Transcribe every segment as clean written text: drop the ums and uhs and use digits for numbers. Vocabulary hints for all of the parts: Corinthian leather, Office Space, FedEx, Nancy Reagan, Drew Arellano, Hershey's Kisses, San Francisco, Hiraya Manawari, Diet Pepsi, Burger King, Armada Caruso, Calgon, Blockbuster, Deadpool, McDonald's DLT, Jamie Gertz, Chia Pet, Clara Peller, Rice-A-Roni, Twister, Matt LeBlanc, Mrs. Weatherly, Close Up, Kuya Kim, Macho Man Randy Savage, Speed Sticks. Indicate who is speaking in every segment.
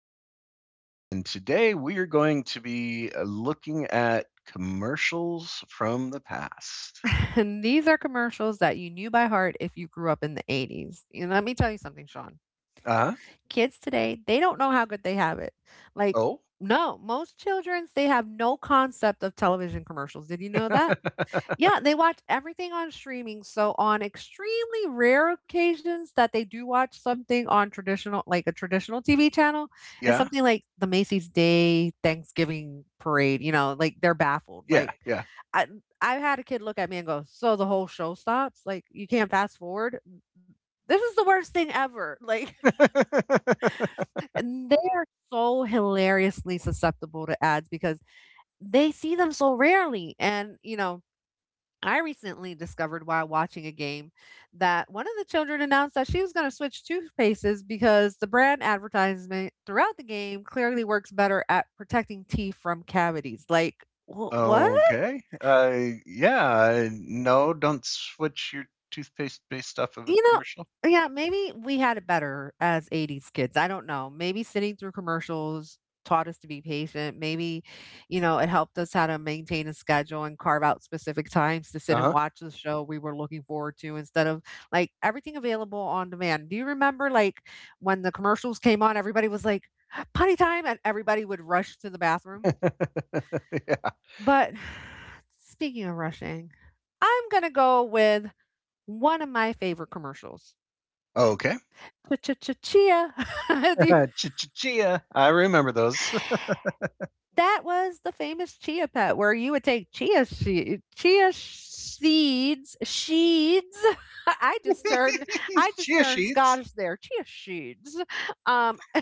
Speaker 1: Yuri.
Speaker 2: and today we are going to be looking at commercials from the past.
Speaker 1: And these are commercials that you knew by heart if you grew up in the 80s. And let me tell you something, Sean.
Speaker 2: Uh huh.
Speaker 1: Kids today, they don't know how good they have it. Like,
Speaker 2: Oh,
Speaker 1: no, most children's they have no concept of television commercials. Did you know that? Yeah, they watch everything on streaming, so on extremely rare occasions that they do watch something on traditional like a traditional TV channel, it's
Speaker 2: yeah.
Speaker 1: something like the Macy's Day Thanksgiving Parade, like, they're baffled,
Speaker 2: Yeah,
Speaker 1: like,
Speaker 2: yeah.
Speaker 1: I I've had a kid look at me and go, "So the whole show stops? Like, you can't fast forward? This is the worst thing ever," like, and they are so hilariously susceptible to ads because they see them so rarely, and, I recently discovered while watching a game that one of the children announced that she was going to switch toothpastes because the brand advertisement throughout the game clearly works better at protecting teeth from cavities. Like, what?
Speaker 2: okay. Yeah. No, don't switch your toothpaste based off of a
Speaker 1: You know,
Speaker 2: commercial.
Speaker 1: yeah, maybe we had it better as '80s kids, I don't know. Maybe sitting through commercials taught us to be patient, maybe, it helped us how to maintain a schedule and carve out specific times to
Speaker 2: Uh
Speaker 1: sit and
Speaker 2: huh.
Speaker 1: watch the show we were looking forward to instead of, like, everything available on demand. Do you remember, like, when the commercials came on, everybody was like, "Potty time," and everybody would rush to the bathroom?
Speaker 2: yeah.
Speaker 1: But speaking of rushing, I'm gonna go with one of my favorite commercials.
Speaker 2: Okay.
Speaker 1: Ch-ch-ch-chia. Do you
Speaker 2: Chia. I remember those.
Speaker 1: That was the famous chia pet where you would take chia seeds sheeds. I just turned I just
Speaker 2: Chia
Speaker 1: turned
Speaker 2: sheets.
Speaker 1: Scottish there. Chia sheeds. Um, I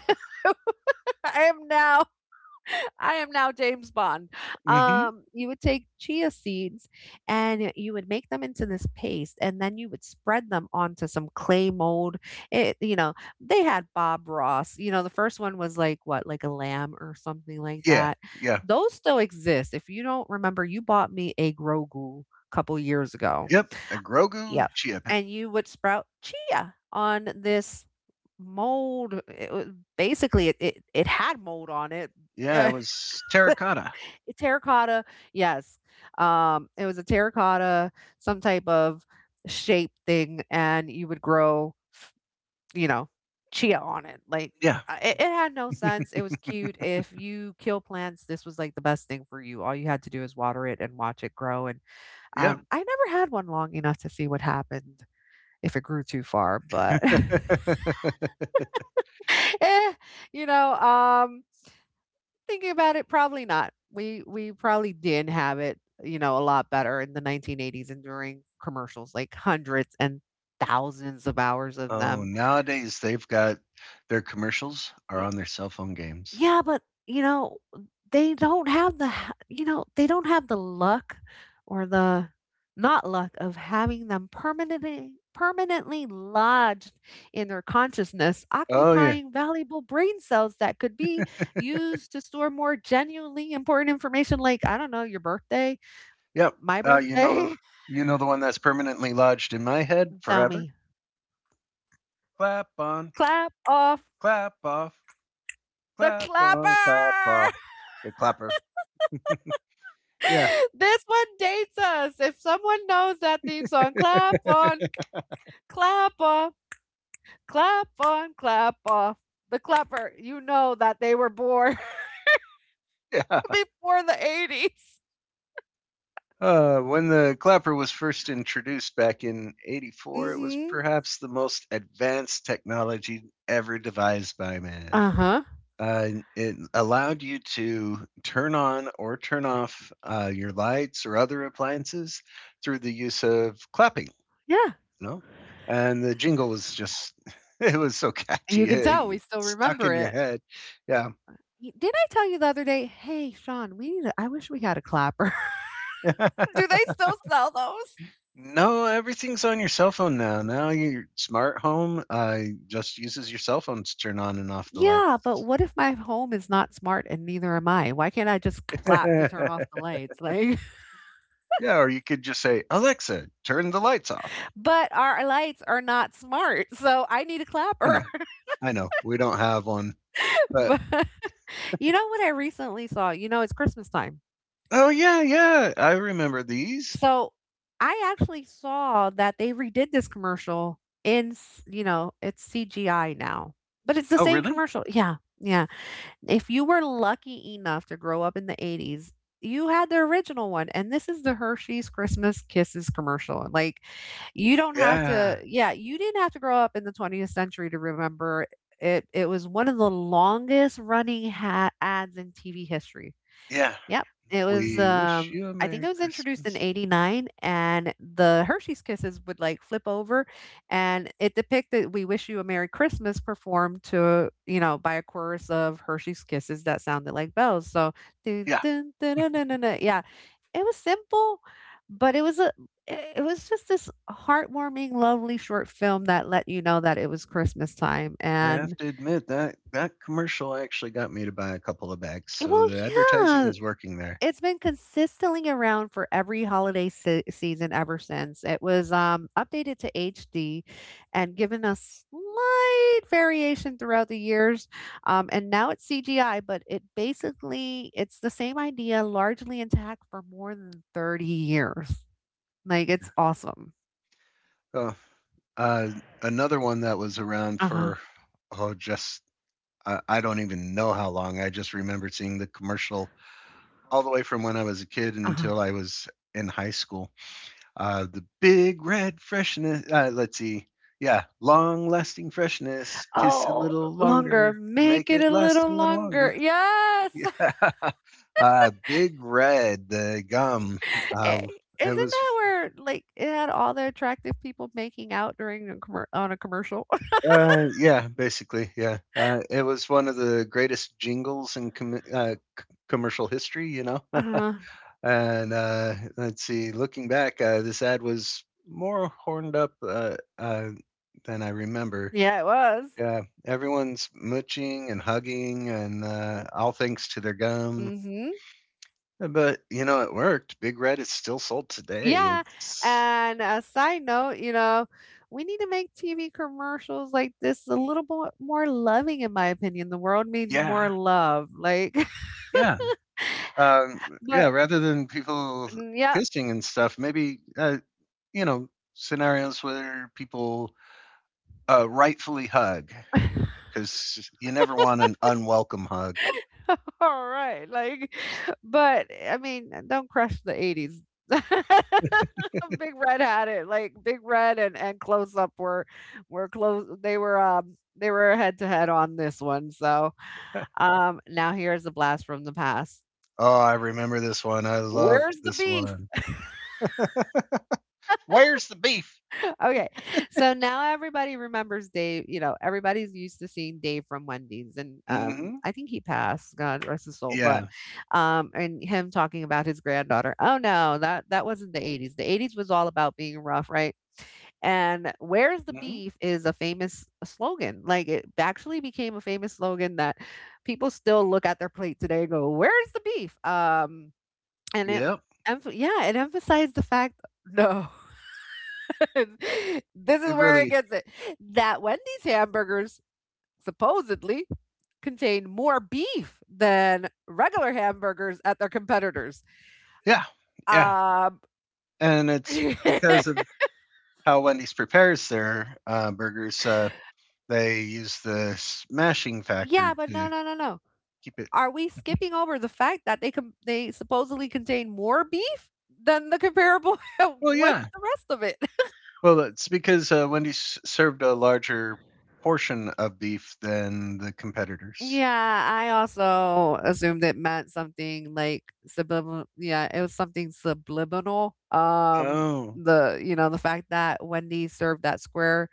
Speaker 1: am now I am now James Bond.
Speaker 2: Mm hmm.
Speaker 1: You would take chia seeds and you would make them into this paste, and then you would spread them onto some clay mold. It, you know, they had Bob Ross. You know, the first one was like what, like a lamb or something like
Speaker 2: Yeah.
Speaker 1: that.
Speaker 2: Yeah.
Speaker 1: Those still exist. If you don't remember, you bought me a Grogu a couple years ago.
Speaker 2: Yep,
Speaker 1: Yep.
Speaker 2: a Grogu
Speaker 1: Yep,
Speaker 2: chia pet.
Speaker 1: and you would sprout chia on this mold. It, was Basically, it had mold on it.
Speaker 2: Yeah, it was terracotta.
Speaker 1: Terracotta, yes. It was a terracotta, some type of shape thing, and you would grow, you know, chia on it. Like
Speaker 2: Yeah,
Speaker 1: it had no sense. It was cute. If you kill plants, this was like the best thing for you. All you had to do is water it and watch it grow. And
Speaker 2: yeah.
Speaker 1: I never had one long enough to see what happened if it grew too far, but eh, you know, thinking about it, probably not. We probably did have it, you know, a lot better in the 1980s and during commercials, like hundreds and thousands of hours of
Speaker 2: Oh,
Speaker 1: them.
Speaker 2: nowadays they've got their commercials are on their cell phone games.
Speaker 1: Yeah, but, you know, they don't have the ha you know, they don't have the luck or the not luck of having them permanently lodged in their consciousness,
Speaker 2: Oh yeah,
Speaker 1: occupying valuable brain cells that could be used to store more genuinely important information like, I don't know, your birthday,
Speaker 2: yep.
Speaker 1: my
Speaker 2: Uh, you know
Speaker 1: birthday.
Speaker 2: the you know the one that's permanently lodged in my head
Speaker 1: Tell
Speaker 2: forever.
Speaker 1: me.
Speaker 2: Clap on,
Speaker 1: Clap off
Speaker 2: clap off,
Speaker 1: the
Speaker 2: clap on, clap
Speaker 1: clapper.
Speaker 2: off. The clapper. Yeah,
Speaker 1: This one dates us. If someone knows that theme song, clap on clap off, clap on, clap off. The clapper, you know that they were born
Speaker 2: yeah.
Speaker 1: before the 80s.
Speaker 2: When the clapper was first introduced back in '84, it was
Speaker 1: Mm-hmm.
Speaker 2: perhaps the most advanced technology ever devised by man.
Speaker 1: Uh huh.
Speaker 2: Uh, it allowed you to turn on or turn off your lights or other appliances through the use of clapping,
Speaker 1: Yeah.
Speaker 2: you know? And the jingle was just, it was so
Speaker 1: You
Speaker 2: catchy.
Speaker 1: can tell we still
Speaker 2: It stuck
Speaker 1: remember
Speaker 2: in your
Speaker 1: it.
Speaker 2: head. Yeah.
Speaker 1: Did I tell you the other day? Hey, Sean, we need. A, I wish we had a clapper. Do they still sell those?
Speaker 2: No, everything's on your cell phone now. Now your smart home just uses your cell phone to turn on and off the light.
Speaker 1: Yeah, but what if my home is not smart and neither am I? Why can't I just clap to turn off the lights? Like,
Speaker 2: Yeah, or you could just say, Alexa, turn the lights off.
Speaker 1: but our lights are not smart, so I need a
Speaker 2: I
Speaker 1: clapper.
Speaker 2: know, I know, we don't have one, but
Speaker 1: but you know what I recently saw? You know, it's Christmas time.
Speaker 2: oh yeah, yeah, I remember these.
Speaker 1: So I actually saw that they redid this commercial in, you know, it's CGI now, but it's the
Speaker 2: Oh
Speaker 1: same
Speaker 2: really?
Speaker 1: commercial. Yeah. Yeah. If you were lucky enough to grow up in the 80s, you had the original one. And this is the Hershey's Christmas Kisses commercial. Like, you don't have
Speaker 2: Yeah,
Speaker 1: to, yeah, you didn't have to grow up in the 20th century to remember it. It was one of the longest running ads in TV history.
Speaker 2: yeah.
Speaker 1: Yep. It was
Speaker 2: We wish you a
Speaker 1: I think it
Speaker 2: Merry
Speaker 1: was introduced in
Speaker 2: Christmas.
Speaker 1: 89 and the Hershey's Kisses would like flip over and it depicted We Wish You a Merry Christmas performed to, you know, by a chorus of Hershey's Kisses that sounded like bells. So dun,
Speaker 2: Yeah,
Speaker 1: dun, dun, dun, dun, dun, dun. Yeah, it was simple, but it it was just this heartwarming, lovely short film that let you know that it was Christmas time.
Speaker 2: I
Speaker 1: And
Speaker 2: have to admit that that commercial actually got me to buy a couple of bags, so
Speaker 1: well,
Speaker 2: the advertising
Speaker 1: yeah.
Speaker 2: is working there.
Speaker 1: It's been consistently around for every holiday se season ever since. It was, updated to HD and given a slight variation throughout the years, and now it's CGI, but it basically it's the same idea largely intact for more than 30 years. Like, it's awesome.
Speaker 2: Oh, Uh, another one that was around
Speaker 1: Uh-huh,
Speaker 2: for, oh, just I don't even know how long. I just remember seeing the commercial all the way from when I was a kid
Speaker 1: uh-huh.
Speaker 2: until I was in high school. The Big Red freshness. Let's see. Yeah, long lasting freshness. Kiss a
Speaker 1: Oh,
Speaker 2: little
Speaker 1: longer.
Speaker 2: longer.
Speaker 1: Make
Speaker 2: Make
Speaker 1: it
Speaker 2: it
Speaker 1: a
Speaker 2: last a
Speaker 1: little
Speaker 2: little
Speaker 1: longer.
Speaker 2: longer.
Speaker 1: Yes!
Speaker 2: Yeah. Big Red, the gum.
Speaker 1: Eh,
Speaker 2: Uh,
Speaker 1: isn't
Speaker 2: it was
Speaker 1: that where like it had all the attractive people making out during a on a commercial?
Speaker 2: Yeah, basically, yeah. It was one of the greatest jingles in commercial history.
Speaker 1: Uh,
Speaker 2: And let's see, looking back, this ad was more horned up than I remember.
Speaker 1: yeah, it was.
Speaker 2: Yeah, everyone's mooching and hugging, and all thanks to their gum.
Speaker 1: Hmm.
Speaker 2: But you know, it worked. Big Red is still sold today.
Speaker 1: Yeah.
Speaker 2: It's
Speaker 1: And a side note, you know, we need to make TV commercials like this a little bit more loving, in my opinion. The world needs more
Speaker 2: Yeah,
Speaker 1: love. Like,
Speaker 2: yeah, um, yeah.
Speaker 1: but
Speaker 2: Rather than people
Speaker 1: mm, yeah,
Speaker 2: kissing and stuff, maybe you know scenarios where people rightfully hug because you never want an unwelcome hug.
Speaker 1: all right, like, but I mean, don't crush the '80s. Big Red had it, like Big Red and Close Up were close. They were head to head on this one. So
Speaker 2: Oh,
Speaker 1: now here's a blast from the past.
Speaker 2: I remember this one. I loved
Speaker 1: Where's the
Speaker 2: this
Speaker 1: beef?
Speaker 2: one. Where's the beef?
Speaker 1: Okay. So now everybody remembers Dave, you know, everybody's used to seeing Dave from Wendy's and
Speaker 2: Hmm.
Speaker 1: I think he passed, God rest his soul, but
Speaker 2: Yeah.
Speaker 1: and him talking about his granddaughter. Oh no, that wasn't the 80s. The 80s was all about being rough, right? And where's the
Speaker 2: Hmm.
Speaker 1: beef is a famous slogan. Like it actually became a famous slogan that people still look at their plate today and go, "Where's the beef?" And
Speaker 2: Yep.
Speaker 1: yeah, it emphasized the fact no this is
Speaker 2: It
Speaker 1: where it
Speaker 2: really.
Speaker 1: gets it. That Wendy's hamburgers supposedly contain more beef than regular hamburgers at their competitors.
Speaker 2: Yeah. Yeah.
Speaker 1: Um,
Speaker 2: And it's
Speaker 1: yeah,
Speaker 2: because of how Wendy's prepares their burgers. They use the smashing factor
Speaker 1: but no,
Speaker 2: to
Speaker 1: no, no, no.
Speaker 2: keep it.
Speaker 1: Are we skipping over the fact that they supposedly contain more beef than the comparable?
Speaker 2: Well,
Speaker 1: What's
Speaker 2: yeah.
Speaker 1: the rest of it?
Speaker 2: Well, that's because Wendy's served a larger portion of beef than the competitors.
Speaker 1: Yeah, I also assumed it meant something like subliminal. Yeah, it was something subliminal.
Speaker 2: Oh.
Speaker 1: The you know the fact that Wendy served that square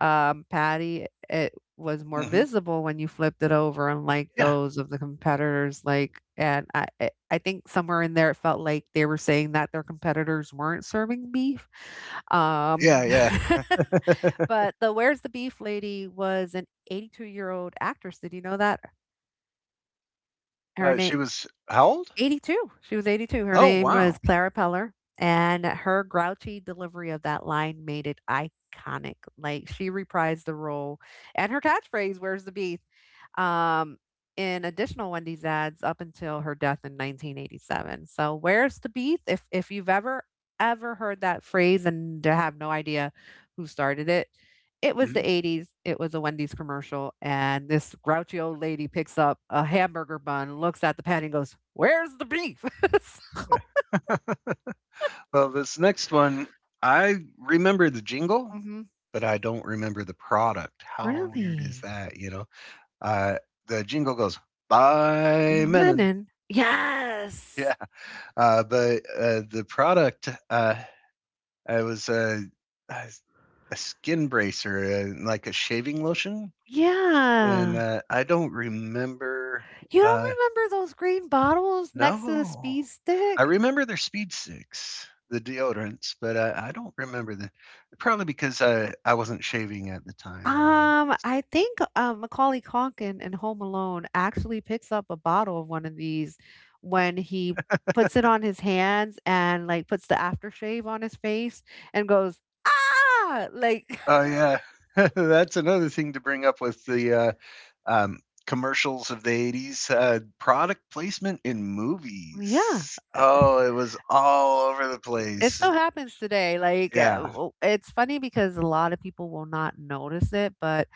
Speaker 1: patty, it was more
Speaker 2: Hmm.
Speaker 1: visible when you flipped it over, unlike
Speaker 2: Yeah.
Speaker 1: those of the competitors. Like, and I think somewhere in there it felt like they were saying that their competitors weren't serving beef.
Speaker 2: Yeah.
Speaker 1: Um,
Speaker 2: Yeah.
Speaker 1: but the Where's the Beef lady was an 82-year-old actress. Did you know that? Her name
Speaker 2: She was how old?
Speaker 1: 82. She was 82. Her
Speaker 2: Oh,
Speaker 1: name was
Speaker 2: wow.
Speaker 1: Clara Peller, and her grouchy delivery of that line made it iconic. Like she reprised the role, and her catchphrase "Where's the beef?" Um, in additional Wendy's ads up until her death in 1987. So, "Where's the beef?" If you've ever ever heard that phrase and have no idea who started it, it was the
Speaker 2: Mhm.
Speaker 1: '80s, it was a Wendy's commercial, and this grouchy old lady picks up a hamburger bun, looks at the patty and goes, "Where's the beef?" So
Speaker 2: Yeah. Well, this next one, I remember the jingle,
Speaker 1: mhm.
Speaker 2: but I don't remember the product. How weird is
Speaker 1: Really?
Speaker 2: that? Uh, the jingle goes by Menon.
Speaker 1: McMennan? Yes!
Speaker 2: Yeah, but the product it was a a skin bracer and, like, a shaving lotion, and,
Speaker 1: Yeah.
Speaker 2: I don't remember,
Speaker 1: You don't
Speaker 2: uh,
Speaker 1: remember those green bottles next to the
Speaker 2: no.
Speaker 1: speed
Speaker 2: I
Speaker 1: stick?
Speaker 2: remember their Speed Sticks, the deodorants, but I don't remember the probably because I wasn't shaving at the time.
Speaker 1: I think, Macaulay Culkin in Home Alone actually picks up a bottle of one of these when he puts it on his hands and, like, puts the aftershave on his face and goes, "Ah!" Like
Speaker 2: Oh, yeah. That's another thing to bring up with the, um, commercials of the '80s, product placement in
Speaker 1: Yeah.
Speaker 2: movies. Oh, it was all over the
Speaker 1: It
Speaker 2: place.
Speaker 1: still happens today, like,
Speaker 2: Yeah.
Speaker 1: w it's funny because a lot of people will not notice it, but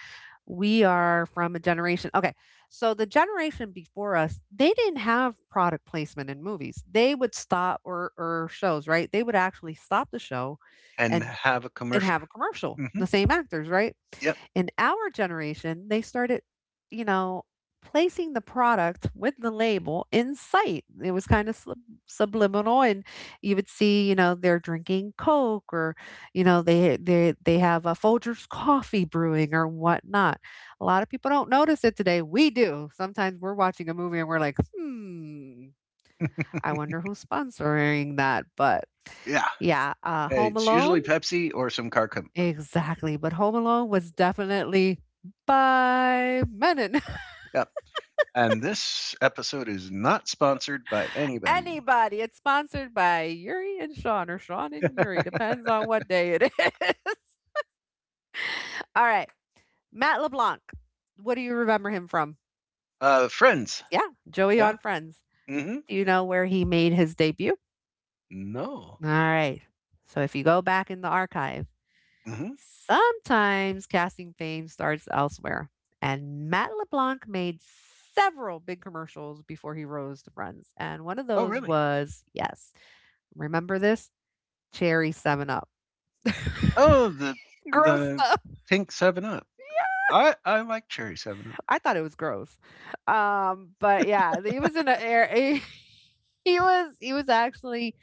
Speaker 1: we are from a generation. Okay. So the generation before us, they didn't have product placement in movies. They would stop or shows, right? They would actually stop the show
Speaker 2: And
Speaker 1: and
Speaker 2: have a
Speaker 1: and
Speaker 2: commercial.
Speaker 1: have a commercial,
Speaker 2: Hmm.
Speaker 1: the same actors, right?
Speaker 2: Yep.
Speaker 1: In our generation, they started, you know, placing the product with the label in sight. It was kind of subliminal, and you would see, you know, they're drinking Coke, or you know, they have a Folgers coffee brewing or whatnot. A lot of people don't notice it today. We do. Sometimes we're watching a movie and we're like, hmm, I wonder who's sponsoring that, but.
Speaker 2: Yeah.
Speaker 1: Yeah,
Speaker 2: Hey,
Speaker 1: Home
Speaker 2: it's
Speaker 1: Alone.
Speaker 2: usually Pepsi or some car company.
Speaker 1: Exactly, but Home Alone was definitely by Menon.
Speaker 2: Yep. And this episode is not sponsored by anybody.
Speaker 1: Anybody. It's sponsored by Yuri and Sean, or Sean and Yuri, depends on what day it is. All right, Matt LeBlanc. What do you remember him from?
Speaker 2: Friends.
Speaker 1: Yeah, Joey
Speaker 2: Yeah.
Speaker 1: on Friends.
Speaker 2: Hmm.
Speaker 1: Do you know where he made his debut?
Speaker 2: No.
Speaker 1: All right. So if you go back in the archive.
Speaker 2: Hmm.
Speaker 1: Sometimes casting fame starts elsewhere, and Matt LeBlanc made several big commercials before he rose to friends. And one of
Speaker 2: Oh,
Speaker 1: those
Speaker 2: really?
Speaker 1: was, yes, remember this? Cherry 7 Up.
Speaker 2: Oh, the
Speaker 1: Gross
Speaker 2: the
Speaker 1: stuff.
Speaker 2: pink Seven Up. I like cherry Seven Up.
Speaker 1: I thought it was gross. But yeah, he was in an air. He was actually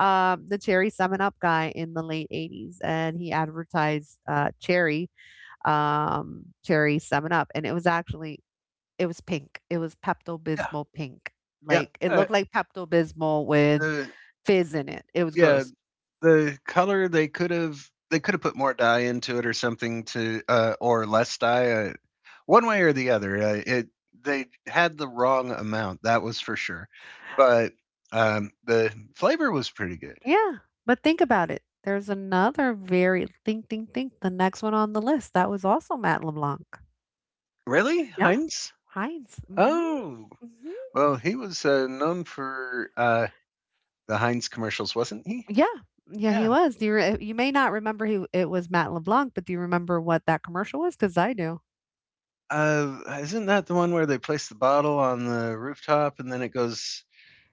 Speaker 1: the cherry seven up guy in the late '80s, and he advertised cherry cherry seven up, and it was actually, it was pink. It was Pepto
Speaker 2: Yeah.
Speaker 1: Bismol pink.
Speaker 2: Yep.
Speaker 1: Like, it looked like Pepto Bismol with
Speaker 2: The
Speaker 1: fizz in it. It was
Speaker 2: yeah
Speaker 1: gross.
Speaker 2: the color, they could have, put more dye into it or something to, or less dye, one way or the other. It They had the wrong amount, that was for sure. But the flavor was pretty good.
Speaker 1: Yeah, but think about it. There's another very think. The next one on the list that was also Matt LeBlanc.
Speaker 2: Really,
Speaker 1: Yeah,
Speaker 2: Heinz?
Speaker 1: Heinz. Mhm.
Speaker 2: Oh,
Speaker 1: Mhm.
Speaker 2: well, he was known for the Heinz commercials, wasn't he?
Speaker 1: Yeah, yeah, he
Speaker 2: Yeah.
Speaker 1: was. Do you you may not remember He. It was Matt LeBlanc, but do you remember what that commercial was? Because I do.
Speaker 2: Isn't that the one where they place the bottle on the rooftop, and then it goes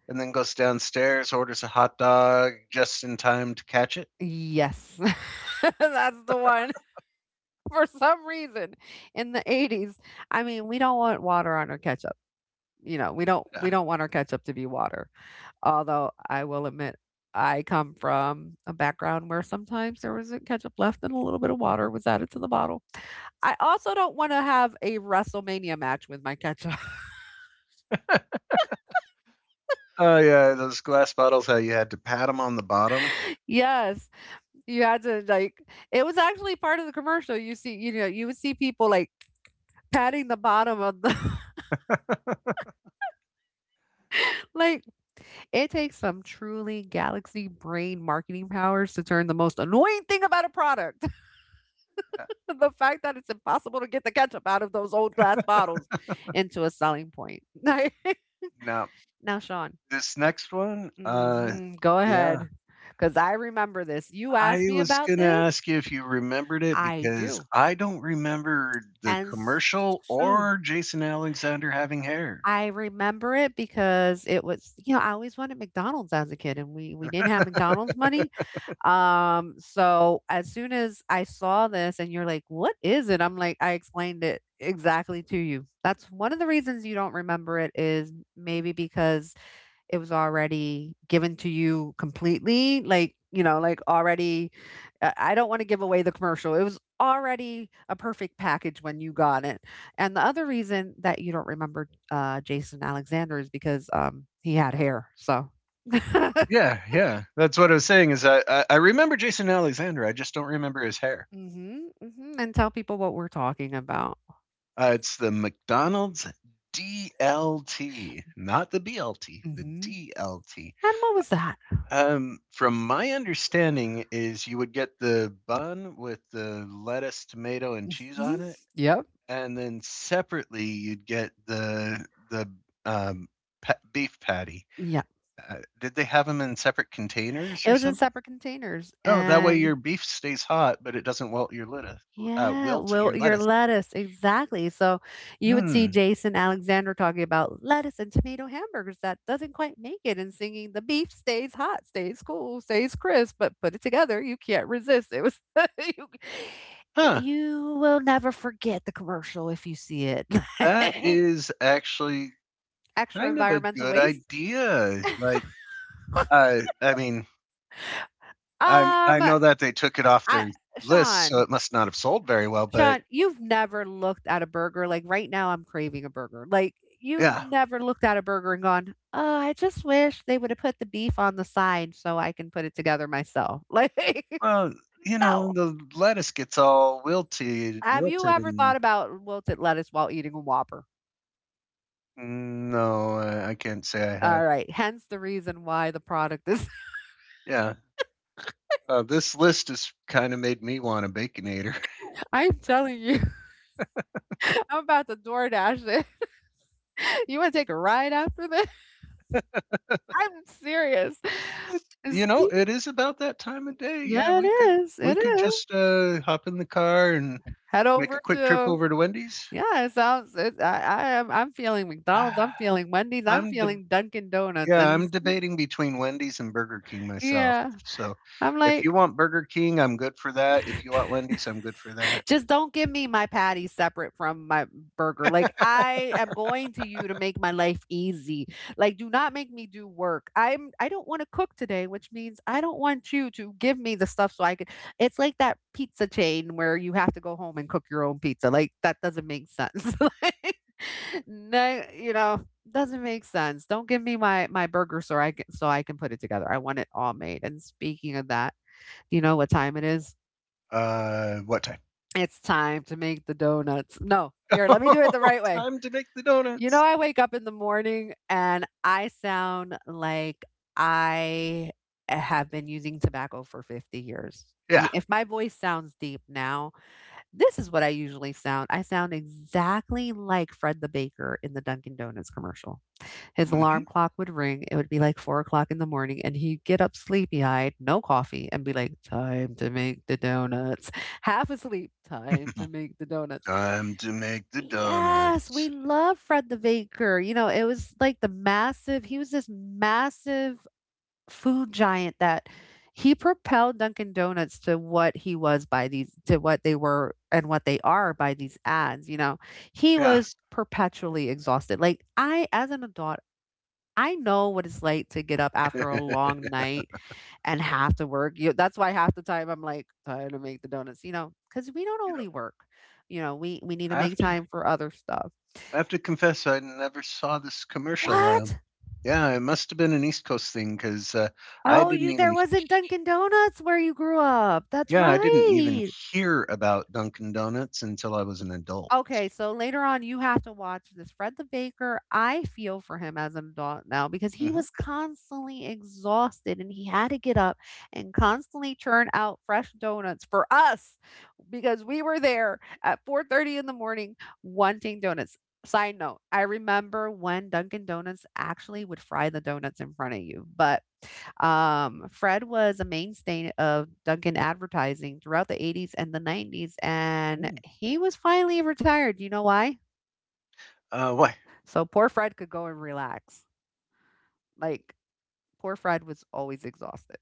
Speaker 2: and then goes downstairs, orders a hot dog just in time to catch it.
Speaker 1: Yes, that's the one. For some reason, in the 80s, I mean, we don't want water on our ketchup. You know, we don't
Speaker 2: Yeah.
Speaker 1: we don't want our ketchup to be water. Although I will admit, I come from a background where sometimes there was a ketchup left and a little bit of water was added to the bottle. I also don't want to have a WrestleMania match with my ketchup.
Speaker 2: Oh yeah, those glass bottles. How you had to pat them on the bottom.
Speaker 1: Yes, you had to like, it was actually part of the commercial. You see, you know, you would see people like patting the bottom of the like, it takes some truly galaxy brain marketing powers to turn the most annoying thing about a product
Speaker 2: Yeah.
Speaker 1: the fact that it's impossible to get the ketchup out of those old glass bottles into a selling point.
Speaker 2: Now
Speaker 1: Now, Sean,
Speaker 2: this next one,
Speaker 1: mhm, go
Speaker 2: yeah,
Speaker 1: ahead. Because I remember this. You asked
Speaker 2: I
Speaker 1: me
Speaker 2: was
Speaker 1: about
Speaker 2: gonna
Speaker 1: this.
Speaker 2: ask you if you remembered it
Speaker 1: I
Speaker 2: because
Speaker 1: do.
Speaker 2: I don't remember the
Speaker 1: And
Speaker 2: commercial
Speaker 1: soon.
Speaker 2: or Jason Alexander having hair.
Speaker 1: I remember it because it was, you know, I always wanted McDonald's as a kid and we didn't have McDonald's money. So as soon as I saw this and you're like, "What is it?" I'm like, "I explained it exactly to you." That's one of the reasons you don't remember it is maybe because it was already given to you completely, like, you know, like already I don't want to give away the commercial. It was already a perfect package when you got it. And the other reason that you don't remember Jason Alexander is because he had hair. So
Speaker 2: Yeah, yeah, that's what I was saying is, I remember Jason Alexander. I just don't remember his hair.
Speaker 1: Mhm, mhm, and tell people what we're talking about.
Speaker 2: It's the McDonald's DLT, not the BLT, the
Speaker 1: Mhm.
Speaker 2: DLT.
Speaker 1: And what was that?
Speaker 2: From my understanding, is you would get the bun with the lettuce, tomato, and cheese
Speaker 1: Mhm.
Speaker 2: on it,
Speaker 1: Yep,
Speaker 2: and then separately you'd get the um, beef patty.
Speaker 1: yep.
Speaker 2: Did they have them in separate containers
Speaker 1: It
Speaker 2: or
Speaker 1: was in
Speaker 2: something?
Speaker 1: separate containers,
Speaker 2: Oh, that way your
Speaker 1: and
Speaker 2: beef stays hot, but it doesn't wilt your lettuce.
Speaker 1: yeah,
Speaker 2: Wilt
Speaker 1: well,
Speaker 2: your
Speaker 1: your
Speaker 2: lettuce.
Speaker 1: lettuce, exactly, so you would see
Speaker 2: Hmm.
Speaker 1: Jason Alexander talking about lettuce and tomato hamburgers that doesn't quite make it and singing, "The beef stays hot, stays cool, stays crisp, but put it together, you can't resist." It was you
Speaker 2: Huh.
Speaker 1: you will never forget the commercial if you see it.
Speaker 2: That is actually
Speaker 1: Extra
Speaker 2: kind of a
Speaker 1: environmental
Speaker 2: good
Speaker 1: waste.
Speaker 2: idea. Like,
Speaker 1: Um,
Speaker 2: I mean, I
Speaker 1: I
Speaker 2: know that they took it off their list, so
Speaker 1: Sean,
Speaker 2: it must not have sold very well. But
Speaker 1: Sean, you've never looked at a burger like right now I'm craving a burger. Like, you've
Speaker 2: yeah,
Speaker 1: never looked at a burger and gone, "Oh, I just wish they would have put the beef on the side so I can put it together myself." Like,
Speaker 2: well,
Speaker 1: no.
Speaker 2: the lettuce gets all wilted,
Speaker 1: Have you
Speaker 2: wilted,
Speaker 1: ever thought
Speaker 2: and
Speaker 1: about wilted lettuce while eating a Whopper?
Speaker 2: mm, no, I can't say I
Speaker 1: All
Speaker 2: have.
Speaker 1: right, hence the reason why the product is
Speaker 2: Yeah, this list has kind of made me want a baconator.
Speaker 1: I'm telling you, I'm about to DoorDash it. You want to take a ride after this? I'm serious.
Speaker 2: You know, it is about that time of day.
Speaker 1: Yeah,
Speaker 2: Yeah,
Speaker 1: it
Speaker 2: we could
Speaker 1: is,
Speaker 2: we
Speaker 1: it
Speaker 2: could
Speaker 1: is.
Speaker 2: just hop in the car and
Speaker 1: Head
Speaker 2: make a
Speaker 1: over
Speaker 2: quick trip
Speaker 1: to,
Speaker 2: over to Wendy's.
Speaker 1: yeah, it sounds it I am, I'm feeling McDonald's, I'm feeling Wendy's, I'm
Speaker 2: I'm de-
Speaker 1: feeling Dunkin' Donuts,
Speaker 2: Yeah,
Speaker 1: and
Speaker 2: I'm debating between Wendy's and Burger King myself.
Speaker 1: yeah,
Speaker 2: So,
Speaker 1: I'm
Speaker 2: if
Speaker 1: like,
Speaker 2: you want Burger King, I'm good for that. If you want Wendy's, I'm good for that.
Speaker 1: just don't give me my patty separate from my burger. Like, I am going to you to make my life easy. Like, do not make me do work. I don't want to cook today, which means I don't want you to give me the stuff so I could, it's like that pizza chain where you have to go home and cook your own pizza. Like, that doesn't make sense. Like, no, you know, doesn't make sense. Don't give me my burger so I can put it together. I want it all made. And speaking of that, do you know what time it is?
Speaker 2: What time?
Speaker 1: It's time to make the donuts. No, here, let me do it the right way.
Speaker 2: Time to make the
Speaker 1: You know,
Speaker 2: donuts.
Speaker 1: I wake up in the morning and I sound like I have been using tobacco for 50 years.
Speaker 2: Yeah.
Speaker 1: If my voice sounds deep now, this is what I usually sound. I sound exactly like Fred the Baker in the Dunkin' Donuts commercial. His
Speaker 2: Mhm.
Speaker 1: alarm clock would ring, it would be like 4 o'clock in the morning, and he'd get up sleepy-eyed, no coffee, and be like, "Time to make the donuts." Half asleep, "Time to make the donuts."
Speaker 2: Time to make the donut.
Speaker 1: Yes, we love Fred the Baker. You know, it was like the massive he was this massive food giant that he propelled Dunkin' Donuts to what he was by these to what they were and what they are by these ads, you know? He
Speaker 2: Yeah.
Speaker 1: was perpetually exhausted. Like, I as an adult, I know what it's like to get up after a long night and have to work. That's why half the time I'm like tired to make the donuts, you know, because we don't
Speaker 2: You know,
Speaker 1: only work. You know, we need to
Speaker 2: I
Speaker 1: make
Speaker 2: have to
Speaker 1: time for other stuff.
Speaker 2: I have to confess I never saw this commercial.
Speaker 1: What?
Speaker 2: Yeah, it must have been an East Coast thing 'cause I
Speaker 1: Oh,
Speaker 2: didn't
Speaker 1: you there
Speaker 2: even
Speaker 1: wasn't Dunkin' Donuts where you grew up. That's
Speaker 2: yeah, I didn't even
Speaker 1: right.
Speaker 2: hear about Dunkin' Donuts until I was an adult.
Speaker 1: Okay, so later on, you have to watch this. Fred the Baker, I feel for him as an adult now because he
Speaker 2: Mhm.
Speaker 1: was constantly exhausted and he had to get up and constantly churn out fresh donuts for us because we were there at 4:30 in the morning wanting donuts. Side note, I remember when Dunkin' Donuts actually would fry the donuts in front of you, but, Fred was a mainstay of Dunkin' advertising throughout the '80s and the '90s, and
Speaker 2: Mm.
Speaker 1: he was finally retired, you know why?
Speaker 2: Why?
Speaker 1: So poor Fred could go and relax. Like, poor Fred was always exhausted.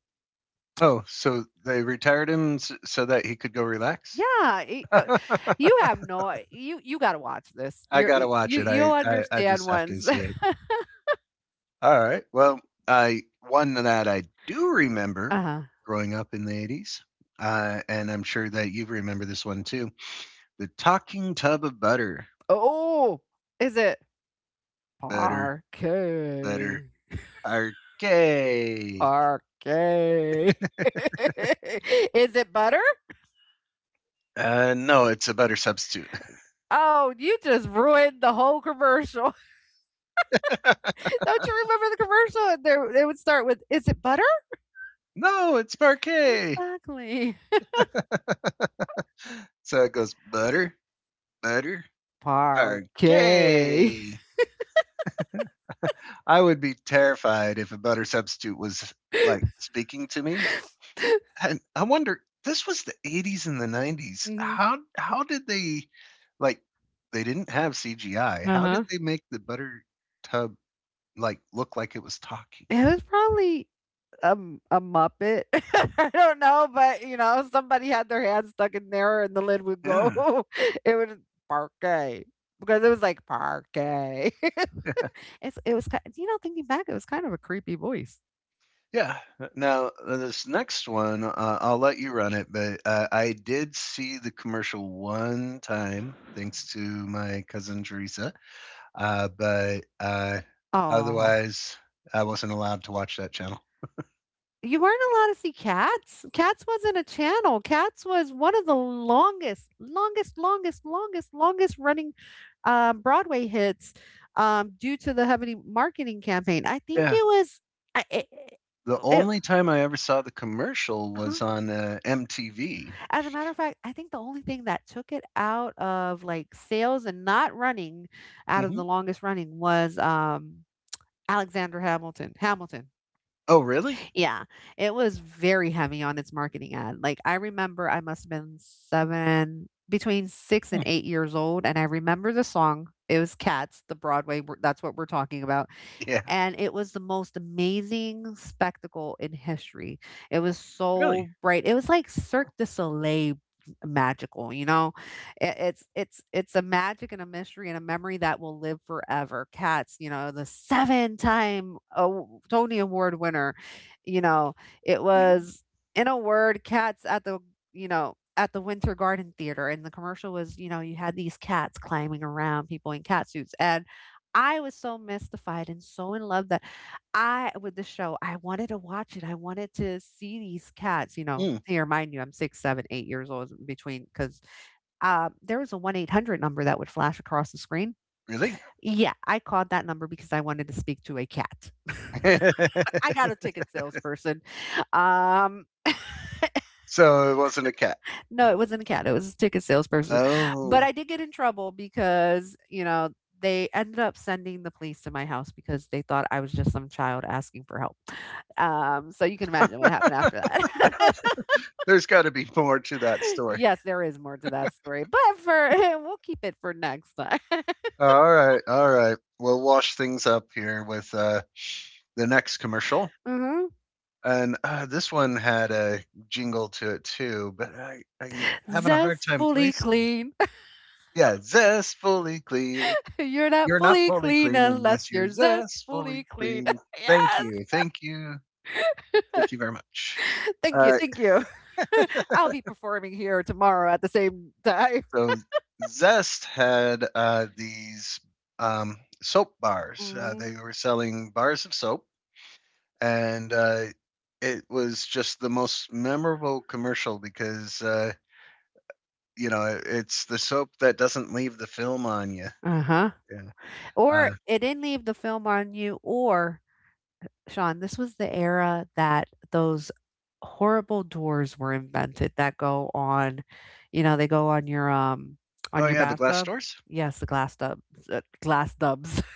Speaker 2: Oh, so they retired him so that he could go relax?
Speaker 1: Yeah, you have no you gotta watch this.
Speaker 2: I gotta watch it. I,
Speaker 1: You'll
Speaker 2: I I
Speaker 1: understand
Speaker 2: just have to
Speaker 1: once.
Speaker 2: see it. All right. Well, I one that I do remember
Speaker 1: Uh-huh.
Speaker 2: growing up in the '80s, and I'm sure that you remember this one too. The Talking Tub of Butter,
Speaker 1: Oh, is it
Speaker 2: butter, butter,
Speaker 1: parquet?
Speaker 2: parquet.
Speaker 1: Okay. Is it butter?
Speaker 2: No, it's a butter substitute.
Speaker 1: Oh, you just ruined the whole commercial. Don't you remember the commercial? There, they would start with, "Is it butter?"
Speaker 2: No, it's parquet.
Speaker 1: Exactly.
Speaker 2: So it goes butter, butter,
Speaker 1: Parquet.
Speaker 2: okay. I would be terrified if a butter substitute was like speaking to me. And I wonder, this was the '80s and the '90s.
Speaker 1: Mhm.
Speaker 2: How did they, like, they didn't have CGI.
Speaker 1: Uh
Speaker 2: How
Speaker 1: huh.
Speaker 2: did they make the butter tub like look like it was talking?
Speaker 1: It was probably a Muppet. I don't know, but you know, somebody had their hand stuck in there, and the lid would go.
Speaker 2: Yeah.
Speaker 1: It would parquet because it was like parquet.
Speaker 2: Yeah.
Speaker 1: It's it was ki you know, thinking back, it was kind of a creepy voice.
Speaker 2: Yeah. Now, this next one, I'll let you run it, but I did see the commercial one time, thanks to my cousin Teresa. But
Speaker 1: Oh,
Speaker 2: otherwise, I wasn't allowed to watch that channel.
Speaker 1: you weren't allowed to see Cats? Cats wasn't a channel. Cats was one of the longest running, Broadway hits, due to the heavy marketing campaign. I think
Speaker 2: Yeah.
Speaker 1: it was I it
Speaker 2: The
Speaker 1: it
Speaker 2: only time I ever saw the commercial
Speaker 1: uh-huh.
Speaker 2: was on MTV.
Speaker 1: As a matter of fact, I think the only thing that took it out of, like, sales and not running out of the
Speaker 2: Hmm.
Speaker 1: longest running was, Alexander Hamilton.
Speaker 2: Oh, really?
Speaker 1: Yeah, it was very heavy on its marketing ad. Like, I remember I must have been 7, between 6
Speaker 2: Hmm.
Speaker 1: and 8 years old, and I remember the song. It was Cats, the Broadway, we that's what we're talking about,
Speaker 2: Yeah.
Speaker 1: and it was the most amazing spectacle in history. It was
Speaker 2: Really?
Speaker 1: so bright. It was like Cirque du Soleil magical, you know? It, it's a magic and a mystery and a memory that will live forever. Cats, you know, the seven-time Tony Award winner, you know, it
Speaker 2: Mhm.
Speaker 1: was, in a word, cats at the, you know, at the Winter Garden Theater, and the commercial was, you know, you had these cats climbing around people in cat suits, and I was so mystified and so in love that I with the show, I wanted to watch it. I wanted to see these cats, you know.
Speaker 2: Mm,
Speaker 1: Here, mind you, I'm six, seven, 8 years old in between, because there was a 1-800 number that would flash across the screen.
Speaker 2: really?
Speaker 1: Yeah, I called that number because I wanted to speak to a cat. I got a ticket salesperson. Um
Speaker 2: So it wasn't a cat.
Speaker 1: No, it wasn't a cat. It was a ticket salesperson. But
Speaker 2: Oh.
Speaker 1: I did get in trouble because, you know, they ended up sending the police to my house because they thought I was just some child asking for help. So you can imagine what happened after that.
Speaker 2: There's got to be more to that story.
Speaker 1: Yes, there is more to that story, but for we'll keep it for next time.
Speaker 2: All right. All right. We'll wash things up here with the next commercial.
Speaker 1: hmm
Speaker 2: And, this one had a jingle to it too, but I'm having a hard time
Speaker 1: Zestfully
Speaker 2: placing it.
Speaker 1: clean.
Speaker 2: Yeah, zestfully clean.
Speaker 1: You're not
Speaker 2: You're not
Speaker 1: fully
Speaker 2: fully
Speaker 1: clean
Speaker 2: clean
Speaker 1: unless
Speaker 2: unless you're
Speaker 1: you're zestfully
Speaker 2: zestfully
Speaker 1: clean.
Speaker 2: clean. Thank
Speaker 1: Yes.
Speaker 2: you, thank you, thank you very much.
Speaker 1: Thank you.
Speaker 2: Uh,
Speaker 1: Thank you. I'll be performing here tomorrow at the same time.
Speaker 2: so Zest had, these, soap bars.
Speaker 1: Mhm.
Speaker 2: They were selling bars of soap, and, it was just the most memorable commercial because, you know, it's the soap that doesn't leave the film on you.
Speaker 1: Uh-huh.
Speaker 2: Yeah.
Speaker 1: Or
Speaker 2: Uh,
Speaker 1: it didn't leave the film on you or Sean, this was the era that those horrible doors were invented that go on, you know, they go on
Speaker 2: oh,
Speaker 1: your
Speaker 2: yeah, the
Speaker 1: Glass tub.
Speaker 2: glass
Speaker 1: Bathtub.
Speaker 2: doors?
Speaker 1: Yes, the glass tub, glass tubs.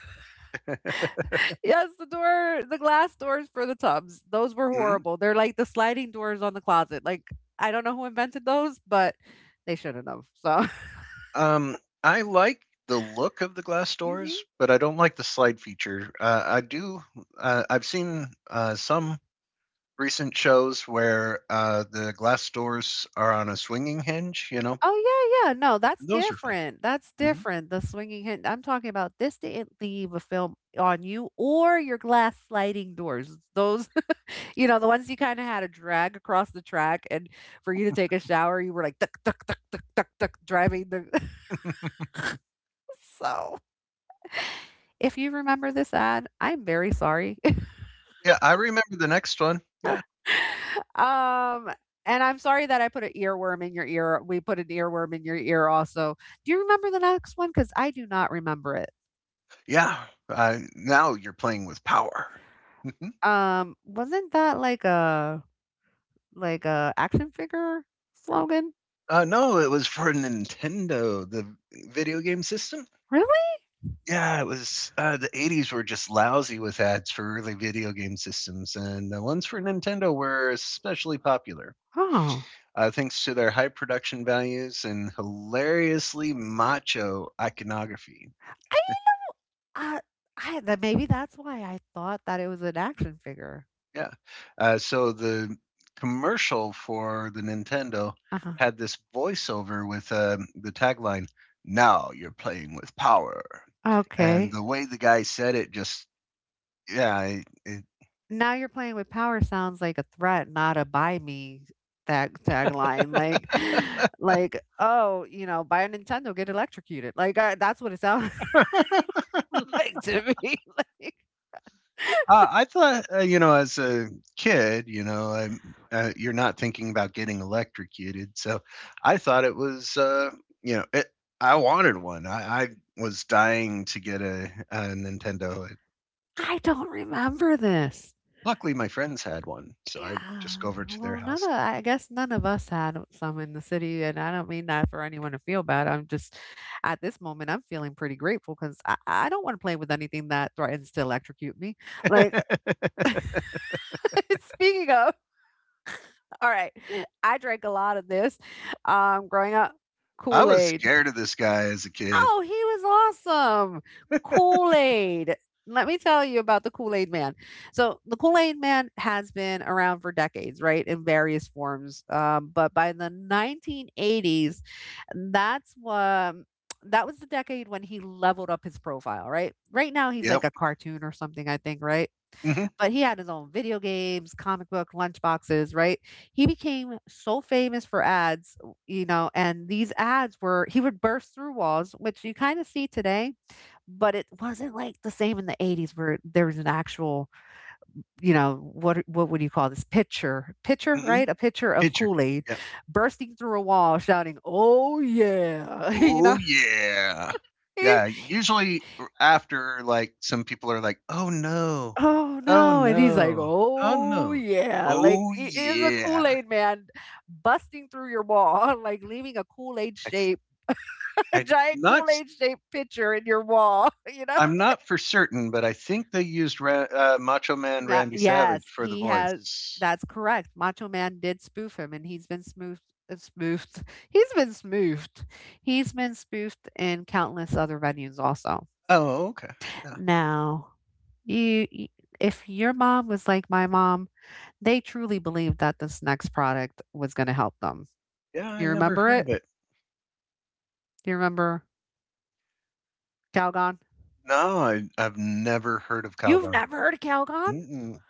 Speaker 1: Yes, the door, the glass doors for the tubs. Those were
Speaker 2: Mhm.
Speaker 1: horrible. They're like the sliding doors on the closet. Like, I don't know who invented those, but they shouldn't have. So,
Speaker 2: Um, I like the look of the glass doors, but I don't like the slide feature. I've seen some recent shows where the glass doors are on a swinging hinge, you know?
Speaker 1: oh, yeah, yeah. No, that's
Speaker 2: Those are fun.
Speaker 1: different. That's
Speaker 2: Mhm.
Speaker 1: different. The swinging hint. I'm talking about this didn't leave a film on you or your glass sliding doors. Those, you know, the ones you kind of had to drag across the track, and for you to take a shower, you were like, duck, duck, duck, duck, duck, duck, driving the. So, if you remember this ad, I'm very sorry.
Speaker 2: Yeah, I remember the next one. Yeah.
Speaker 1: um, and I'm sorry that I put an earworm in your ear. We put an earworm in your ear also. Do you remember the next one? Because I do not remember it.
Speaker 2: Yeah. Now you're playing with power.
Speaker 1: Wasn't that like a action figure slogan?
Speaker 2: No, it was for Nintendo, the video game system.
Speaker 1: Really?
Speaker 2: Yeah, it was. The '80s were just lousy with ads for early video game systems, and the ones for Nintendo were especially popular.
Speaker 1: Oh.
Speaker 2: Thanks to their high production values and hilariously macho iconography.
Speaker 1: I uh, I that maybe that's why I thought that it was an action figure.
Speaker 2: Yeah. So the commercial for the Nintendo
Speaker 1: Uh-huh.
Speaker 2: had this voiceover with the tagline, "Now you're playing with power," and
Speaker 1: Okay.
Speaker 2: the way the guy said it, just yeah,
Speaker 1: Now you're playing with power sounds like a threat, not a buy me tagline. Like like, oh, you know, buy a Nintendo, get electrocuted. Like I, that's what it sounds like to me. Like
Speaker 2: I thought you know, as a kid, you're not thinking about getting electrocuted, so I thought it was, you know, it, I wanted one. I was dying to get a Nintendo.
Speaker 1: I don't remember this.
Speaker 2: Luckily, my friends had one, so I'd just
Speaker 1: Yeah,
Speaker 2: go over to their
Speaker 1: well, none
Speaker 2: house.
Speaker 1: of I guess none of us had some in the city, and I don't mean that for anyone to feel bad. I'm just at this moment, I'm feeling pretty grateful because I don't want to play with anything that threatens to electrocute me. Like, speaking of, all right, I drank a lot of this growing up
Speaker 2: I
Speaker 1: Kool
Speaker 2: was
Speaker 1: Aid.
Speaker 2: scared of this guy as a kid.
Speaker 1: Oh, he was awesome. Kool-Aid. Let me tell you about the Kool-Aid Man. So the Kool-Aid Man has been around for decades, right, in various forms. But by the 1980s, that's what that was the decade when he leveled up his profile, right? Right now he's
Speaker 2: Yep.
Speaker 1: like a cartoon or something, I think, right?
Speaker 2: Hmm.
Speaker 1: But he had his own video games, comic book, lunchboxes, right? He became so famous for ads, you know, and these ads were, he would burst through walls, which you kind of see today, but it wasn't like the same in the 80s where there was an actual, you know, what would you call this? Picture, picture,
Speaker 2: Hmm.
Speaker 1: right? A picture of
Speaker 2: Pitcher.
Speaker 1: Kool-Aid
Speaker 2: Yep.
Speaker 1: bursting through a wall shouting, oh yeah, you
Speaker 2: Oh,
Speaker 1: know,
Speaker 2: yeah. Yeah. Usually after, like, some people are like, oh no,
Speaker 1: oh,
Speaker 2: oh
Speaker 1: no, and he's like,
Speaker 2: no, oh
Speaker 1: "Oh,
Speaker 2: no,
Speaker 1: yeah." Like,
Speaker 2: oh
Speaker 1: he is a
Speaker 2: yeah.
Speaker 1: Kool-Aid man busting through your wall, like, leaving a Kool-Aid
Speaker 2: I,
Speaker 1: shape a
Speaker 2: i
Speaker 1: giant
Speaker 2: not. s-
Speaker 1: Kool-Aid shaped picture in your wall, you know?
Speaker 2: I'm not for certain, but I think they used Macho Man
Speaker 1: Ma
Speaker 2: Randy Savage
Speaker 1: Yes,
Speaker 2: for the
Speaker 1: he has
Speaker 2: voice.
Speaker 1: that's correct, Macho Man did spoof him, and he's been smoofed spoofed. He's been spoofed. He's been spoofed in countless other venues also.
Speaker 2: Oh, okay. Yeah.
Speaker 1: Now, you y if your mom was like my mom, they truly believed that this next product was gonna help them.
Speaker 2: Yeah, I
Speaker 1: You
Speaker 2: never
Speaker 1: remember
Speaker 2: heard
Speaker 1: it?
Speaker 2: of it.
Speaker 1: You remember Calgon?
Speaker 2: No, I've never heard of
Speaker 1: You've
Speaker 2: Calgon.
Speaker 1: never heard of Calgon?
Speaker 2: Mm-mm.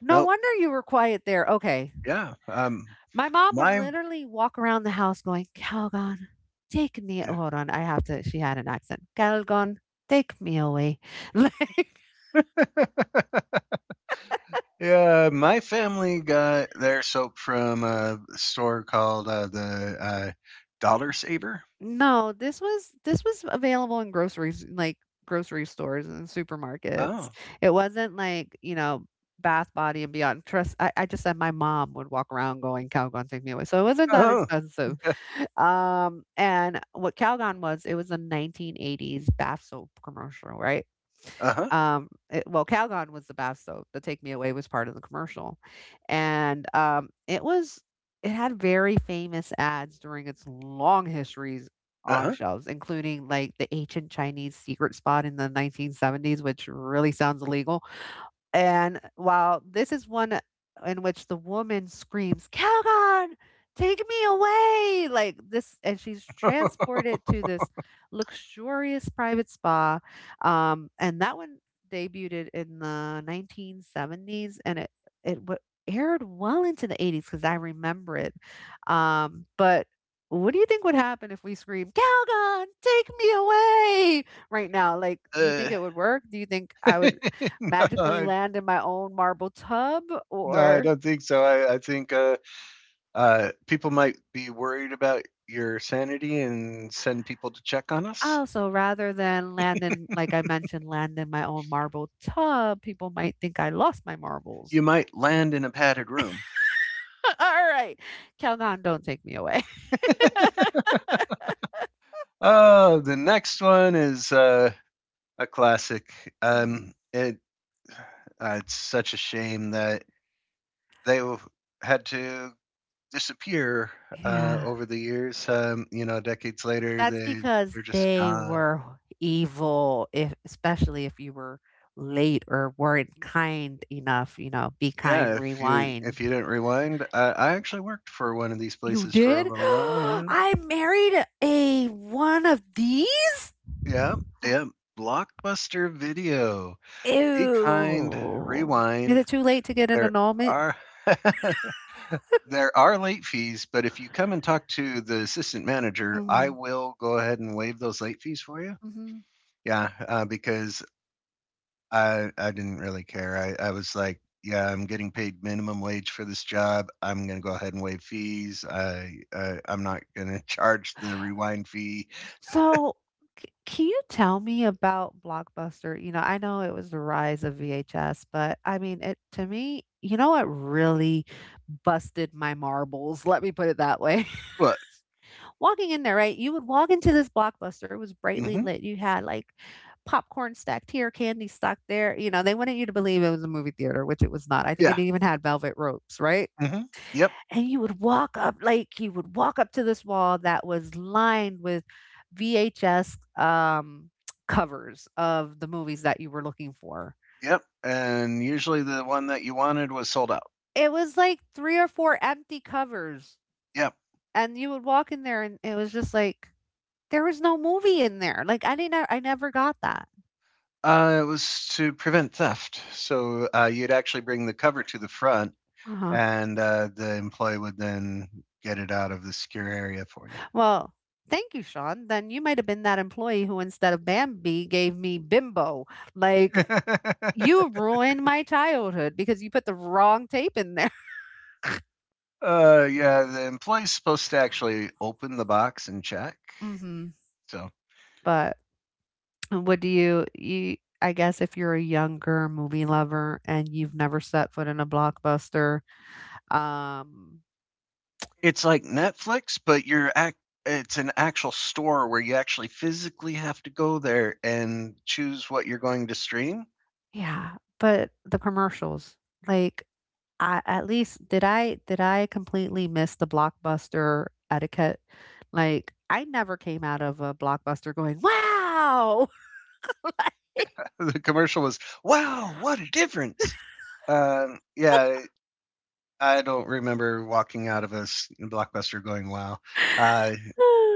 Speaker 1: No
Speaker 2: No,
Speaker 1: wonder you were quiet there. Okay.
Speaker 2: yeah,
Speaker 1: My mom would
Speaker 2: my
Speaker 1: literally walk around the house going, Calgon, take me. Oh, hold on. I have to. She had an accent. Calgon, take me away. Like,
Speaker 2: yeah, my family got their soap from a store called, Dollar Saver.
Speaker 1: no, this was available in groceries, like grocery stores and supermarkets.
Speaker 2: Oh.
Speaker 1: It wasn't like, you know, Bath Body and Beyond. Trust, I just said my mom would walk around going, Calgon, take me away. So it wasn't that
Speaker 2: Oh.
Speaker 1: expensive. And what Calgon was, it was a 1980s bath soap commercial, right?
Speaker 2: Uh-huh.
Speaker 1: Well, Calgon was the bath soap. The Take Me Away was part of the commercial, and it was it had very famous ads during its long history on
Speaker 2: Uh-huh.
Speaker 1: shelves, including like the ancient Chinese secret spot in the 1970s, which really sounds illegal. And while this is one in which the woman screams, Calgon, take me away! Like this, and she's
Speaker 2: Huh.
Speaker 1: transported to this luxurious private spa. And that one debuted in the 1970s and it w- aired well into the 80s because I remember it. But what do you think would happen if we scream, Calgon, take me away right now? Like, do you
Speaker 2: uh,
Speaker 1: think it would work? Do you think I would
Speaker 2: no,
Speaker 1: magically
Speaker 2: I
Speaker 1: land in my own marble tub
Speaker 2: no, I
Speaker 1: or
Speaker 2: don't think so. I think, people might be worried about your sanity and send people to check on us.
Speaker 1: also rather than land in like I mentioned, land in my own marble tub, people might think I lost my marbles.
Speaker 2: You might land in a padded room.
Speaker 1: All right. Calgon, don't take me away.
Speaker 2: Oh, the next one is a classic. Um,
Speaker 1: Mhm.
Speaker 2: it it's such a shame that they had to disappear
Speaker 1: Yeah.
Speaker 2: over the years. Decades later,
Speaker 1: That's
Speaker 2: they
Speaker 1: because
Speaker 2: they're just
Speaker 1: they
Speaker 2: gone.
Speaker 1: were evil, if especially if you were late or weren't kind enough, you know, be kind,
Speaker 2: Yeah, if you if
Speaker 1: rewind.
Speaker 2: you didn't rewind, I actually worked for one of these
Speaker 1: You
Speaker 2: places for a
Speaker 1: did?
Speaker 2: little while. Yeah,
Speaker 1: I married a one of these?
Speaker 2: yeah, yeah. Blockbuster Video. Be kind.
Speaker 1: Ew. Is
Speaker 2: Rewind.
Speaker 1: it too late to get an
Speaker 2: There
Speaker 1: annulment?
Speaker 2: are. There are late fees, but if you come and talk to the assistant manager, I
Speaker 1: Mhm,
Speaker 2: will go ahead and waive those late fees for you.
Speaker 1: mhm.
Speaker 2: Yeah, because I didn't really care. I was like, yeah, I'm getting paid minimum wage for this job. I'm gonna go ahead and waive fees. I'm not gonna charge the rewind fee.
Speaker 1: So, c can you tell me about Blockbuster? You know, I know it was the rise of VHS, but, I mean, it to me, you know what really busted my marbles? Let me put it that way.
Speaker 2: But.
Speaker 1: Walking in there, right, you would walk into this Blockbuster, it was brightly
Speaker 2: Hmm.
Speaker 1: lit, you had, like, popcorn stacked here, candy stacked there, you know, they wanted you to believe it was a movie theater, which it was not, I think
Speaker 2: Yeah.
Speaker 1: it even had velvet ropes, right?
Speaker 2: Hmm. Yep.
Speaker 1: And you would walk up to this wall that was lined with VHS covers of the movies that you were looking for.
Speaker 2: Yep. And usually the one that you wanted was sold out.
Speaker 1: It was like 3 or 4 empty covers
Speaker 2: Yep.
Speaker 1: and you would walk in there and it was just like there was no movie in there. Like I never got that.
Speaker 2: It was to prevent theft. So you'd actually bring the cover to the front
Speaker 1: Uh-huh.
Speaker 2: and the employee would then get it out of the secure area for you.
Speaker 1: Well, thank you, Sean. Then you might have been that employee who instead of Bambi gave me Bimbo. Like you ruined my childhood because you put the wrong tape in there.
Speaker 2: Yeah, the employee's supposed to actually open the box and check.
Speaker 1: Mhm.
Speaker 2: So
Speaker 1: But what do you you I guess if you're a younger movie lover and you've never set foot in a blockbuster, um,
Speaker 2: it's like Netflix, but it's an actual store where you actually physically have to go there and choose what you're going to stream.
Speaker 1: yeah, but the commercials, like, I at least did I completely miss the blockbuster etiquette? Like, I never came out of a blockbuster going, "Wow!" Like,
Speaker 2: The commercial was, "Wow, what a difference!" Yeah, I don't remember walking out of blockbuster going, wow. Uh,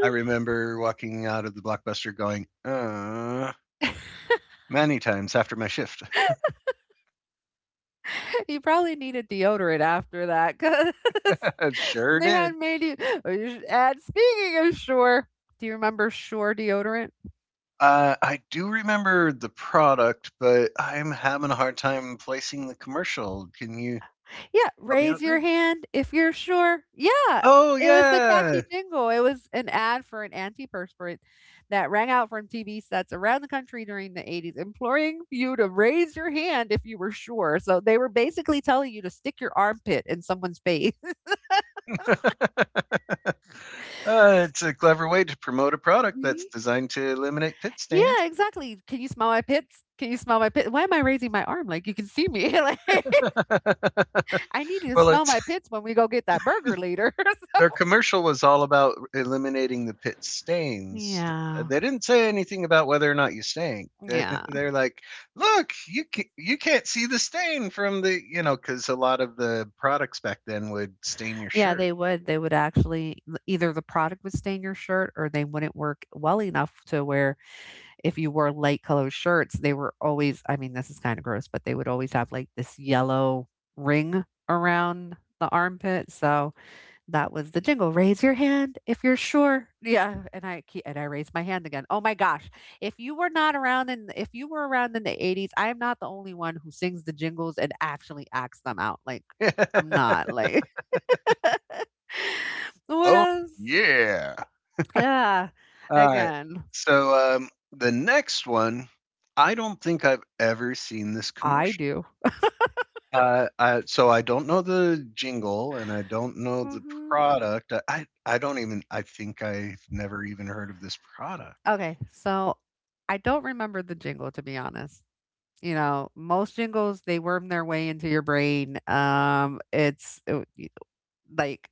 Speaker 2: I remember walking out of the blockbuster going, many times after my shift.
Speaker 1: you probably needed deodorant after that 'cause
Speaker 2: It sure
Speaker 1: they had
Speaker 2: did.
Speaker 1: made you. Oh, you should add. Speaking of sure, do you remember Sure deodorant?
Speaker 2: I do remember the product, but I'm having a hard time placing the commercial. Can you
Speaker 1: Yeah,
Speaker 2: help me
Speaker 1: raise
Speaker 2: out
Speaker 1: your
Speaker 2: there?
Speaker 1: hand if you're sure. Yeah,
Speaker 2: Oh,
Speaker 1: it was the
Speaker 2: yeah.
Speaker 1: catchy jingle. It was an ad for an antiperspirant that rang out from TV sets around the country during the 80s, imploring you to raise your hand if you were sure. So they were basically telling you to stick your armpit in someone's face.
Speaker 2: It's a clever way to promote a product that's
Speaker 1: Mhm.
Speaker 2: designed to eliminate pit
Speaker 1: Yeah,
Speaker 2: stains.
Speaker 1: exactly. Can you smell my pits? Can you smell my pit? Why am I raising my arm? Like you can see me. Like, I need you to
Speaker 2: Well,
Speaker 1: smell
Speaker 2: it's
Speaker 1: my pits when we go get that burger later.
Speaker 2: their
Speaker 1: So,
Speaker 2: commercial was all about eliminating the pit stains.
Speaker 1: yeah.
Speaker 2: They didn't say anything about whether or not you stank.
Speaker 1: Yeah.
Speaker 2: Are like, "Look, you can, you can't see the stain from the, cuz a lot of the products back then would stain your
Speaker 1: Yeah,
Speaker 2: shirt."
Speaker 1: they would. They would actually either the product would stain your shirt or they wouldn't work well enough to where if you wore light colored shirts, they were always, I mean, this is kind of gross, but they would always have like this yellow ring around the armpit. So, that was the jingle. Raise your hand if you're sure. Yeah, and I keep, and I raised my hand again. Oh my gosh! If you were around in the '80s, I am not the only one who sings the jingles and actually acts them out. Like I'm not like what
Speaker 2: Oh,
Speaker 1: else?
Speaker 2: yeah.
Speaker 1: Yeah,
Speaker 2: All right.
Speaker 1: again,
Speaker 2: So the next one, I don't think I've ever seen this
Speaker 1: I
Speaker 2: commercial.
Speaker 1: do.
Speaker 2: I So I don't know the jingle and I don't know the
Speaker 1: Hmm
Speaker 2: product. I don't even I think I've never even heard of this product.
Speaker 1: Okay, so I don't remember the jingle to be honest. You know, most jingles they worm their way into your brain. It's like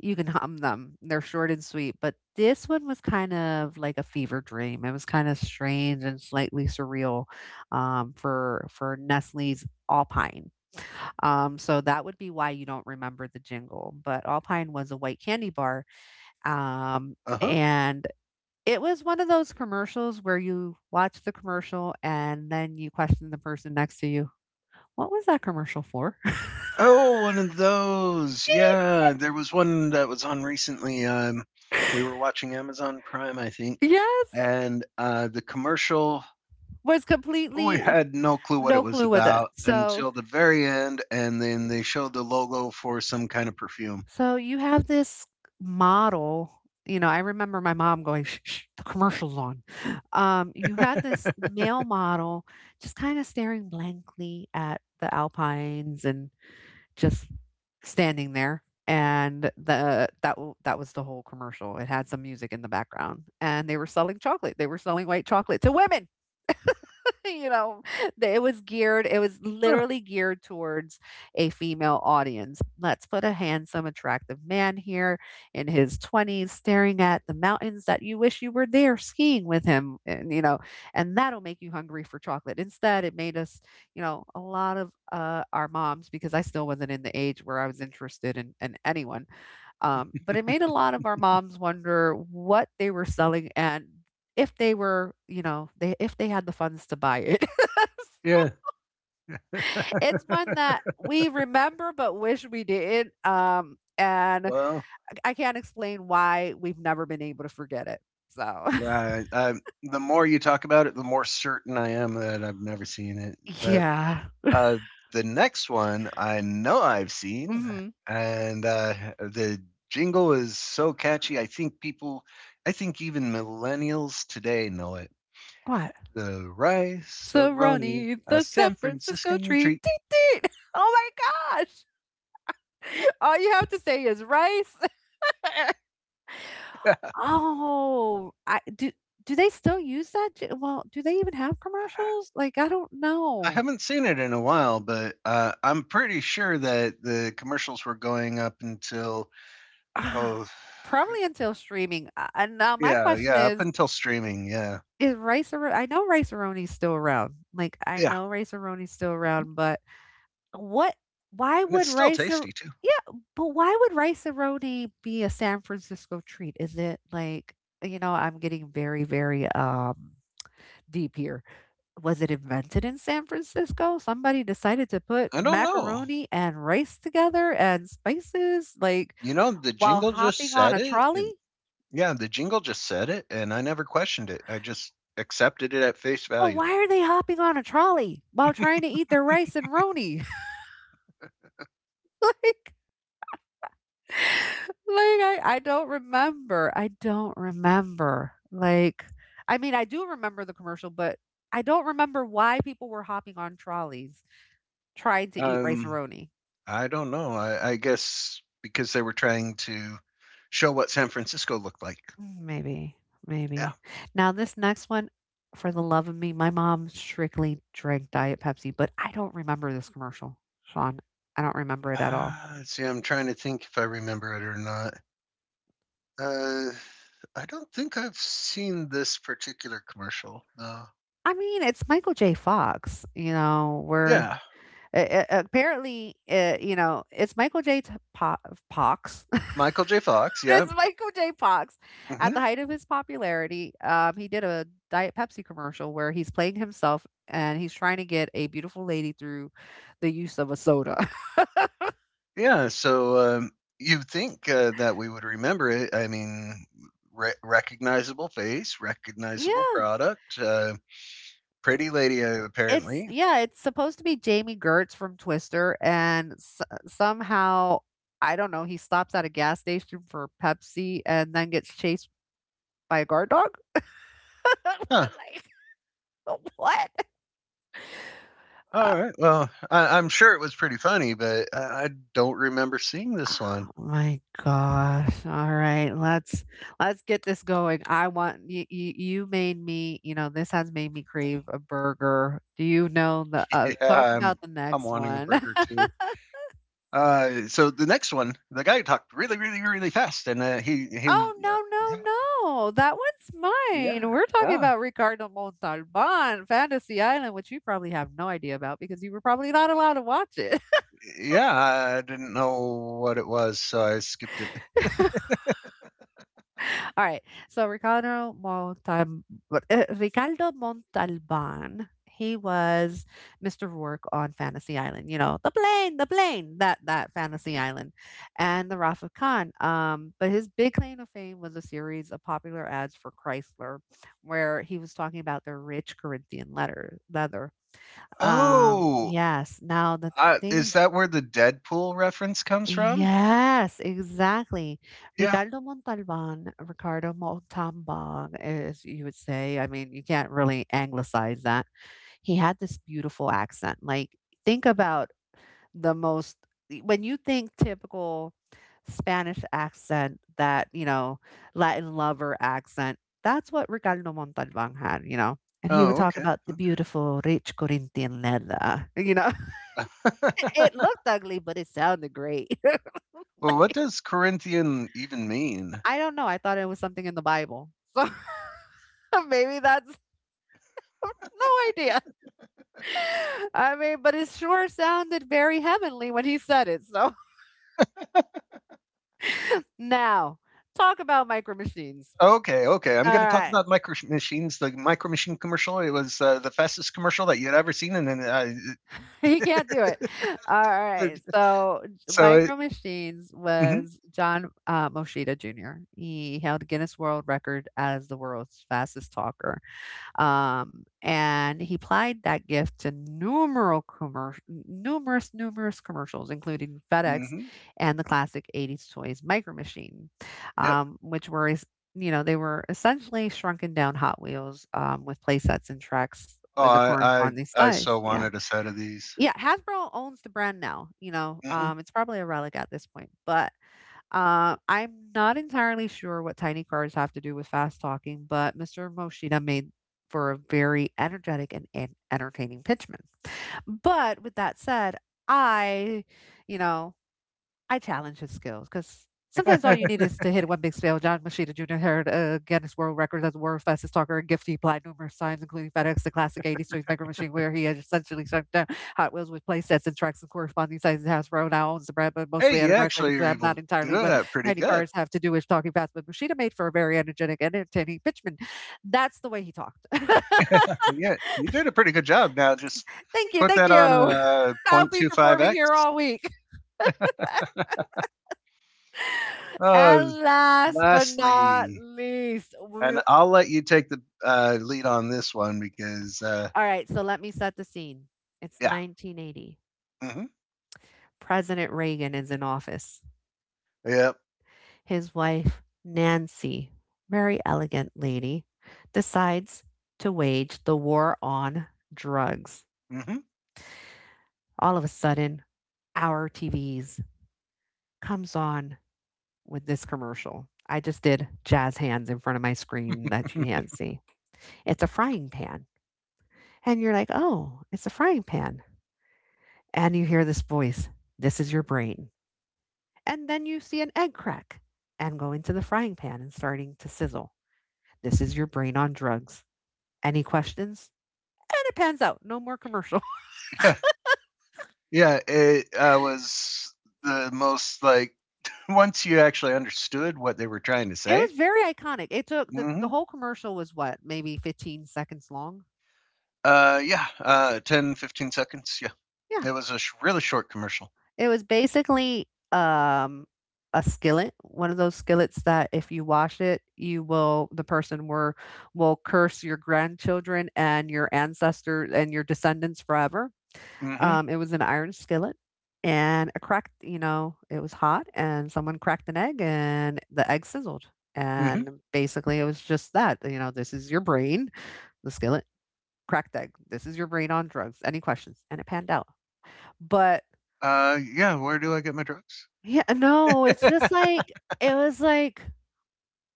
Speaker 1: you can hum them. They're short and sweet, but this one was kind of like a fever dream. It was kind of strange and slightly surreal for Nestle's Alpine. So that would be why you don't remember the jingle. But Alpine was a white candy bar, um,
Speaker 2: Uh-huh.
Speaker 1: and it was one of those commercials where you watch the commercial and then you question the person next to you. What was that commercial for?
Speaker 2: Oh, one of those. Yeah, there was one that was on recently. We were watching Amazon Prime, I think,
Speaker 1: Yes,
Speaker 2: and the commercial
Speaker 1: was
Speaker 2: we
Speaker 1: completely
Speaker 2: had no clue what it
Speaker 1: no
Speaker 2: was
Speaker 1: clue with it.
Speaker 2: about
Speaker 1: So,
Speaker 2: until the very end, and then they showed the logo for some kind of perfume.
Speaker 1: so you have this model. You know, I remember my mom going, shh, shh, the commercial's on. You had this male model just kind of staring blankly at the Alpines and just standing there. And that was the whole commercial. It had some music in the background, and they were selling chocolate. They were selling white chocolate to women. you know, that it was geared, it was
Speaker 2: Huh.
Speaker 1: literally geared towards a female audience. Let's put a handsome, attractive man here in his 20s staring at the mountains that you wish you were there skiing with him. And that'll make you hungry for chocolate. Instead, it made us, you know, a lot of our moms, because I still wasn't in the age where I was interested in anyone, but it made a lot of our moms wonder what they were selling and if they were, you know, they if they had the funds to buy it.
Speaker 2: Yeah.
Speaker 1: It's one that we remember but wish we didn't. And
Speaker 2: Well.
Speaker 1: I can't explain why we've never been able to forget it. So
Speaker 2: Right. The more you talk about it, the more certain I am that I've never seen it. But
Speaker 1: yeah.
Speaker 2: uh, the next one I know I've seen,
Speaker 1: Hmm.
Speaker 2: and the jingle is so catchy. I think even millennials today know it.
Speaker 1: What?
Speaker 2: The rice roni,
Speaker 1: Cerrone,
Speaker 2: a
Speaker 1: the San
Speaker 2: San
Speaker 1: Francisco
Speaker 2: Franciscan treat.
Speaker 1: treat. Teet, teet. Oh my gosh. All you have to say is rice. Oh, I do do they still use that? J Well, do they even have commercials? Like, I don't
Speaker 2: I
Speaker 1: know.
Speaker 2: haven't seen it in a while, but I'm pretty sure that the commercials were going up until,
Speaker 1: Ah,
Speaker 2: oh
Speaker 1: probably until streaming, and now my
Speaker 2: yeah,
Speaker 1: question
Speaker 2: yeah, up until streaming. Yeah,
Speaker 1: is rice a I know Rice-A-Roni's still around. Like, I
Speaker 2: yeah.
Speaker 1: know Rice-A-Roni's still
Speaker 2: Mm.
Speaker 1: around, but what why
Speaker 2: And
Speaker 1: would
Speaker 2: it's still
Speaker 1: Rice-A
Speaker 2: tasty too.
Speaker 1: Yeah, but why would rice a be a San Francisco treat? Is it like, you know, I'm getting very, very, deep here. Was it invented in San Francisco? Somebody decided to put
Speaker 2: I don't know.
Speaker 1: macaroni and rice together and spices, like,
Speaker 2: The
Speaker 1: while
Speaker 2: jingle just
Speaker 1: hopping on
Speaker 2: said
Speaker 1: a
Speaker 2: it,
Speaker 1: trolley?
Speaker 2: and yeah, the jingle just said it, and I never questioned it. I just accepted it at face
Speaker 1: But
Speaker 2: value.
Speaker 1: why are they hopping on a trolley while trying to eat their rice and roni? like, like I don't remember. I don't remember. Like, I mean, I do remember the commercial, but I don't remember why people were hopping on trolleys trying to eat rice and
Speaker 2: Um,
Speaker 1: roni.
Speaker 2: I don't know. I guess because they were trying to show what San Francisco looked like.
Speaker 1: Mm, maybe,
Speaker 2: Yeah.
Speaker 1: maybe. Now, this next one, for the love of me, my mom strictly drank Diet Pepsi, but I don't remember this commercial, Sean. I don't remember it at all.
Speaker 2: Let's see. I'm trying to think if I remember it or not. Uh, I don't think I've seen this particular commercial. No.
Speaker 1: I mean, it's Michael J. Fox, you know, we're.
Speaker 2: Yeah.
Speaker 1: You know, it's Michael J. T- po- Pox.
Speaker 2: Michael J. Fox. Yeah.
Speaker 1: It's Michael J. Pox. At the
Speaker 2: Hmm.
Speaker 1: height of his popularity, he did a Diet Pepsi commercial where he's playing himself and he's trying to get a beautiful lady through the use of a soda.
Speaker 2: Yeah, so you'd think that we would remember it. I mean, recognizable face, recognizable
Speaker 1: Yeah.
Speaker 2: product, pretty lady
Speaker 1: It's
Speaker 2: apparently.
Speaker 1: Yeah, it's supposed to be Jamie Gertz from Twister, and s somehow, I don't know, he stops at a gas station for Pepsi and then gets chased by a guard dog?
Speaker 2: Huh.
Speaker 1: Like, what? Uh,
Speaker 2: All right. Well, I'm sure it was pretty funny, but I don't remember seeing this one.
Speaker 1: oh my gosh. Alright, let's get this going. I want you made me, you know, this has made me crave a burger. Do you know the yeah,
Speaker 2: Yeah,
Speaker 1: talk
Speaker 2: I'm
Speaker 1: about the
Speaker 2: I'm
Speaker 1: next
Speaker 2: wanting a
Speaker 1: one.
Speaker 2: burger too. So the next one, the guy talked really, really, really fast, and oh,
Speaker 1: Oh,
Speaker 2: yeah,
Speaker 1: no. That one's mine.
Speaker 2: yeah,
Speaker 1: We're talking
Speaker 2: yeah,
Speaker 1: about Ricardo Montalban, Fantasy Island, which you probably have no idea about because you were probably not allowed to watch it.
Speaker 2: yeah. I didn't know what it was, so I skipped it.
Speaker 1: All right. So Ricardo Montalban, he was Mr. Rourke on Fantasy Island. You know, the plane, that Fantasy Island, and the Wrath of Khan. But his big claim to fame was a series of popular ads for Chrysler, where he was talking about their rich Corinthian letter leather.
Speaker 2: Oh.
Speaker 1: Yes. Now the thing
Speaker 2: Is that where the Deadpool reference comes from?
Speaker 1: Yes, exactly.
Speaker 2: Yeah.
Speaker 1: Ricardo Montalban, as you would say. I mean, you can't really anglicize that. He had this beautiful accent. Like, think about the most, when you think typical Spanish accent, that, you know, Latin lover accent, that's what Ricardo Montalban had, you know. And he would
Speaker 2: Oh,
Speaker 1: talk
Speaker 2: okay.
Speaker 1: about the
Speaker 2: Okay.
Speaker 1: beautiful rich Corintianella, you know. It looked ugly, but it sounded great.
Speaker 2: Well, what does Corinthian even mean?
Speaker 1: I don't know. I thought it was something in the Bible. So maybe that's no idea. I mean, but it sure sounded very heavenly when he said it. So now, talk about micro machines.
Speaker 2: Okay, okay. I'm going
Speaker 1: All
Speaker 2: to talk
Speaker 1: right.
Speaker 2: about Micro Machines, the Micro Machine commercial. It was the fastest commercial that you'd ever seen, and
Speaker 1: He can't do it. All right. So
Speaker 2: so it,
Speaker 1: micro machines
Speaker 2: hmm.
Speaker 1: was John Moshida Jr. He held Guinness World Record as the world's fastest talker. And he applied that gift to numerous commercials, including FedEx
Speaker 2: Hmm.
Speaker 1: and the classic 80s toys micro machine,
Speaker 2: Yep.
Speaker 1: um, which were, es- you know, they were essentially shrunken down Hot Wheels with play sets and tracks
Speaker 2: Oh,
Speaker 1: with the
Speaker 2: I, I
Speaker 1: corresponding
Speaker 2: I
Speaker 1: stuff.
Speaker 2: so
Speaker 1: Yeah.
Speaker 2: wanted a set of these.
Speaker 1: Yeah. Hasbro owns the brand now, you know,
Speaker 2: Hmm.
Speaker 1: it's probably a relic at this point, but I'm not entirely sure what tiny cards have to do with fast talking, but Mr. Moshida made for a very energetic and entertaining pitchman. But with that said, I, you know, I challenge his skills because sometimes all you need
Speaker 2: Hey,
Speaker 1: is to hit one big spell. John Machida Jr. held a Guinness World Records as the world's fastest talker, a gift he applied numerous times, including FedEx, the classic 80s series micro machine, where he has essentially shut down Hot Wheels with play sets and tracks and corresponding sizes. Hasbro now owns the brand, but mostly at
Speaker 2: you
Speaker 1: a break like
Speaker 2: actually
Speaker 1: it's
Speaker 2: are able
Speaker 1: not
Speaker 2: to
Speaker 1: entirely
Speaker 2: do
Speaker 1: what
Speaker 2: that pretty
Speaker 1: tiny
Speaker 2: good.
Speaker 1: cars have to do with talking fast. But Machida made for a very energetic and entertaining pitchman. That's the way he talked.
Speaker 2: Yeah, you did a pretty good job. Now just put
Speaker 1: Thank
Speaker 2: that on
Speaker 1: you.
Speaker 2: a
Speaker 1: I'll be performing here
Speaker 2: 0.25x.
Speaker 1: all week.
Speaker 2: Uh,
Speaker 1: And last but not
Speaker 2: Lastly,
Speaker 1: least, we
Speaker 2: and I'll let you take the lead on this one because,
Speaker 1: all right, so let me set the scene. It's
Speaker 2: yeah.
Speaker 1: 1980.
Speaker 2: Mm-hmm.
Speaker 1: President Reagan is in office.
Speaker 2: Yep.
Speaker 1: His wife, Nancy, very elegant lady, decides to wage the war on drugs.
Speaker 2: Mm-hmm.
Speaker 1: All of a sudden, our TVs comes on with this commercial. I just did jazz hands in front of my screen that you can't see. It's a frying pan. And you're like, oh, it's a frying pan. And you hear this voice. This is your brain. And then you see an egg crack and go into the frying pan and starting to sizzle. This is your brain on drugs. Any questions? And it pans out. No more commercial.
Speaker 2: Yeah, yeah. It was the most, like, once you actually understood what they were trying to
Speaker 1: It
Speaker 2: say.
Speaker 1: was very iconic. It took the
Speaker 2: Mm-hmm.
Speaker 1: whole commercial was what, maybe 15 seconds long?
Speaker 2: Yeah, 10, 15 seconds. Yeah,
Speaker 1: Yeah.
Speaker 2: it was really short commercial.
Speaker 1: It was basically a skillet, one of those skillets that if you wash it, you will the person were will curse your grandchildren and your ancestors and your descendants forever.
Speaker 2: Mm-hmm.
Speaker 1: It was an iron skillet and a cracked, you know, it was hot and someone cracked an egg and the egg sizzled.
Speaker 2: Mm-hmm.
Speaker 1: And basically it was just that, you know, this is your brain, the skillet, cracked egg. This is your brain on drugs. Any questions? And it panned out. But
Speaker 2: Yeah, where do I get my drugs?
Speaker 1: yeah, no, it's just like it was like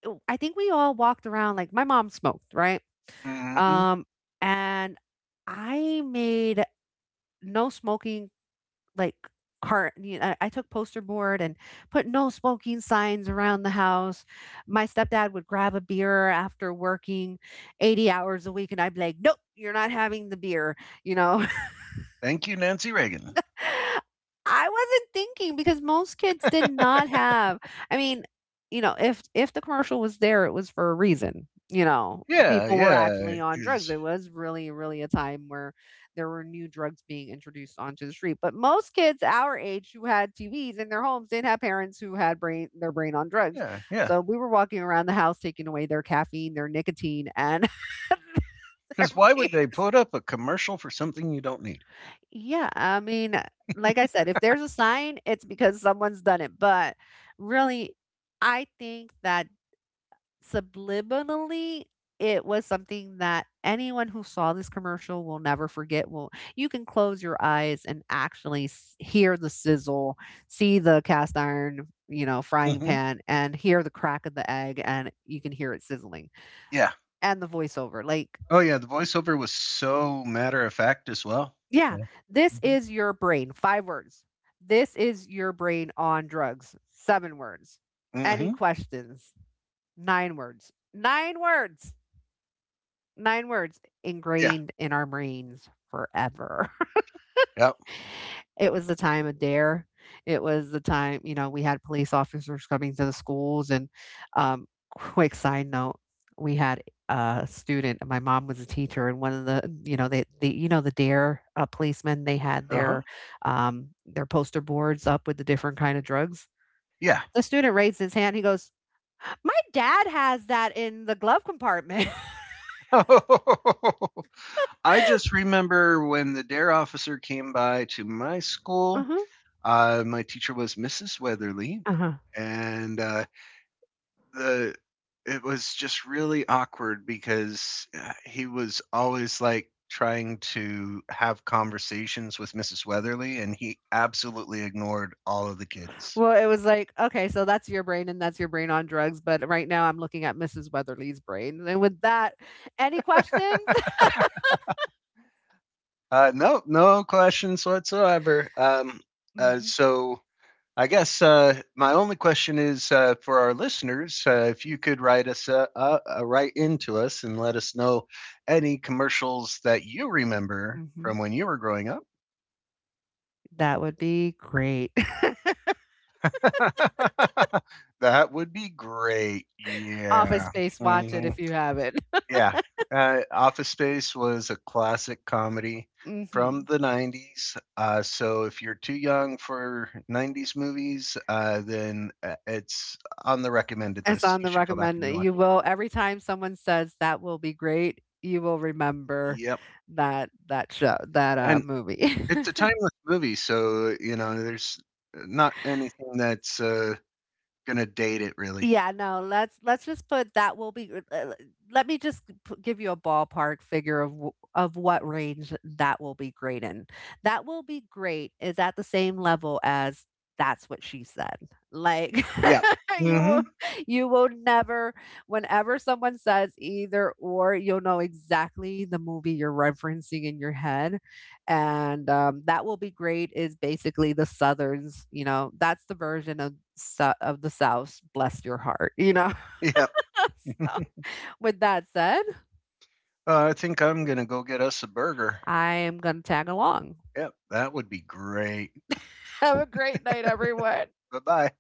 Speaker 1: w- I think we all walked around like my mom smoked, right?
Speaker 2: Hmm.
Speaker 1: Um, and I made no smoking like cart, you know, I took poster board and put no smoking signs around the house. My stepdad would grab a beer after working 80 hours a week and I'd be like, "Nope, you're not having the beer." You know,
Speaker 2: Thank you, Nancy Reagan.
Speaker 1: I wasn't thinking because most kids did not have, I mean, you know, if the commercial was there, it was for a reason. You know,
Speaker 2: Yeah,
Speaker 1: people were
Speaker 2: yeah,
Speaker 1: actually on drugs.
Speaker 2: because
Speaker 1: It was really, really a time where there were new drugs being introduced onto the street. But most kids our age who had TVs in their homes didn't have parents who had brain their brain on drugs.
Speaker 2: yeah, yeah,
Speaker 1: So we were walking around the house taking away their caffeine, their nicotine, and their
Speaker 2: because why would they put up a commercial for something you don't need?
Speaker 1: yeah, I mean, like I said, if there's a sign, it's because someone's done it. But really, I think that subliminally, it was something that anyone who saw this commercial will never forget. Will You can close your eyes and actually hear the sizzle, see the cast iron, you know, frying
Speaker 2: Hmm.
Speaker 1: pan, and hear the crack of the egg, and you can hear it sizzling
Speaker 2: Yeah.
Speaker 1: and the voiceover. Like
Speaker 2: Oh, yeah, the voiceover was so matter of fact as well.
Speaker 1: yeah, this
Speaker 2: Yeah.
Speaker 1: is your brain, 5 words. This is your brain on drugs, 7 words.
Speaker 2: Hmm.
Speaker 1: Any
Speaker 2: Hmm.
Speaker 1: questions? 9 words. 9 words
Speaker 2: Yeah.
Speaker 1: ingrained in our brains forever.
Speaker 2: Yep.
Speaker 1: It was the time of DARE. It was the time, you know, we had police officers coming to the schools and, quick side note, we had a student, my mom was a teacher and one of the, you know, the DARE, policemen, they had
Speaker 2: Uh huh.
Speaker 1: their poster boards up with the different kind of drugs.
Speaker 2: Yeah.
Speaker 1: The student raised his hand, he goes, "My dad has that in the glove compartment."
Speaker 2: I just remember when the DARE officer came by to my school.
Speaker 1: Uh-huh,
Speaker 2: My teacher was Mrs. Weatherly,
Speaker 1: uh-huh.
Speaker 2: and the it was just really awkward because he was always, like, trying to have conversations with Mrs. Weatherly, and he absolutely ignored all of the kids.
Speaker 1: Well, it was like, okay, so that's your brain and that's your brain on drugs. But right now I'm looking at Mrs. Weatherly's brain. And with that, any questions?
Speaker 2: No, no questions whatsoever.
Speaker 1: hmm
Speaker 2: So I guess my only question is for our listeners: if you could write us right into us and let us know any commercials that you remember
Speaker 1: hmm
Speaker 2: from when you were growing up.
Speaker 1: That would be great.
Speaker 2: That would be great.
Speaker 1: Office
Speaker 2: Yeah.
Speaker 1: Space, watch it
Speaker 2: Mhm.
Speaker 1: if you haven't.
Speaker 2: Yeah. Office Space was a classic comedy from
Speaker 1: Hmm.
Speaker 2: the 90s. If you're too young for 90s movies, then it's on the recommended
Speaker 1: It's
Speaker 2: list.
Speaker 1: on
Speaker 2: You
Speaker 1: the
Speaker 2: should go back
Speaker 1: recommend.
Speaker 2: and watch
Speaker 1: You will, every time someone says that will be great, you will
Speaker 2: it.
Speaker 1: remember
Speaker 2: Yep.
Speaker 1: that show, that
Speaker 2: And
Speaker 1: movie.
Speaker 2: it's a timeless movie. So, there's not anything that's going to date it really.
Speaker 1: Yeah, no, let's just put that will be let me just give you a ballpark figure of what range that will be great in. That will be great is at the same level as that's what she said. Like
Speaker 2: Yeah.
Speaker 1: you
Speaker 2: Hmm.
Speaker 1: will you will never, whenever someone says either or you'll know exactly the movie you're referencing in your head and, That Will Be Great is basically the Southerns, you know, that's the version of sou of the South. "Bless Your Heart," you know?
Speaker 2: Yep.
Speaker 1: So, with that said,
Speaker 2: I think I'm gonna go get us a burger.
Speaker 1: I am gonna tag along.
Speaker 2: Yep, that would be great.
Speaker 1: Have a great night, everyone.
Speaker 2: Bye bye.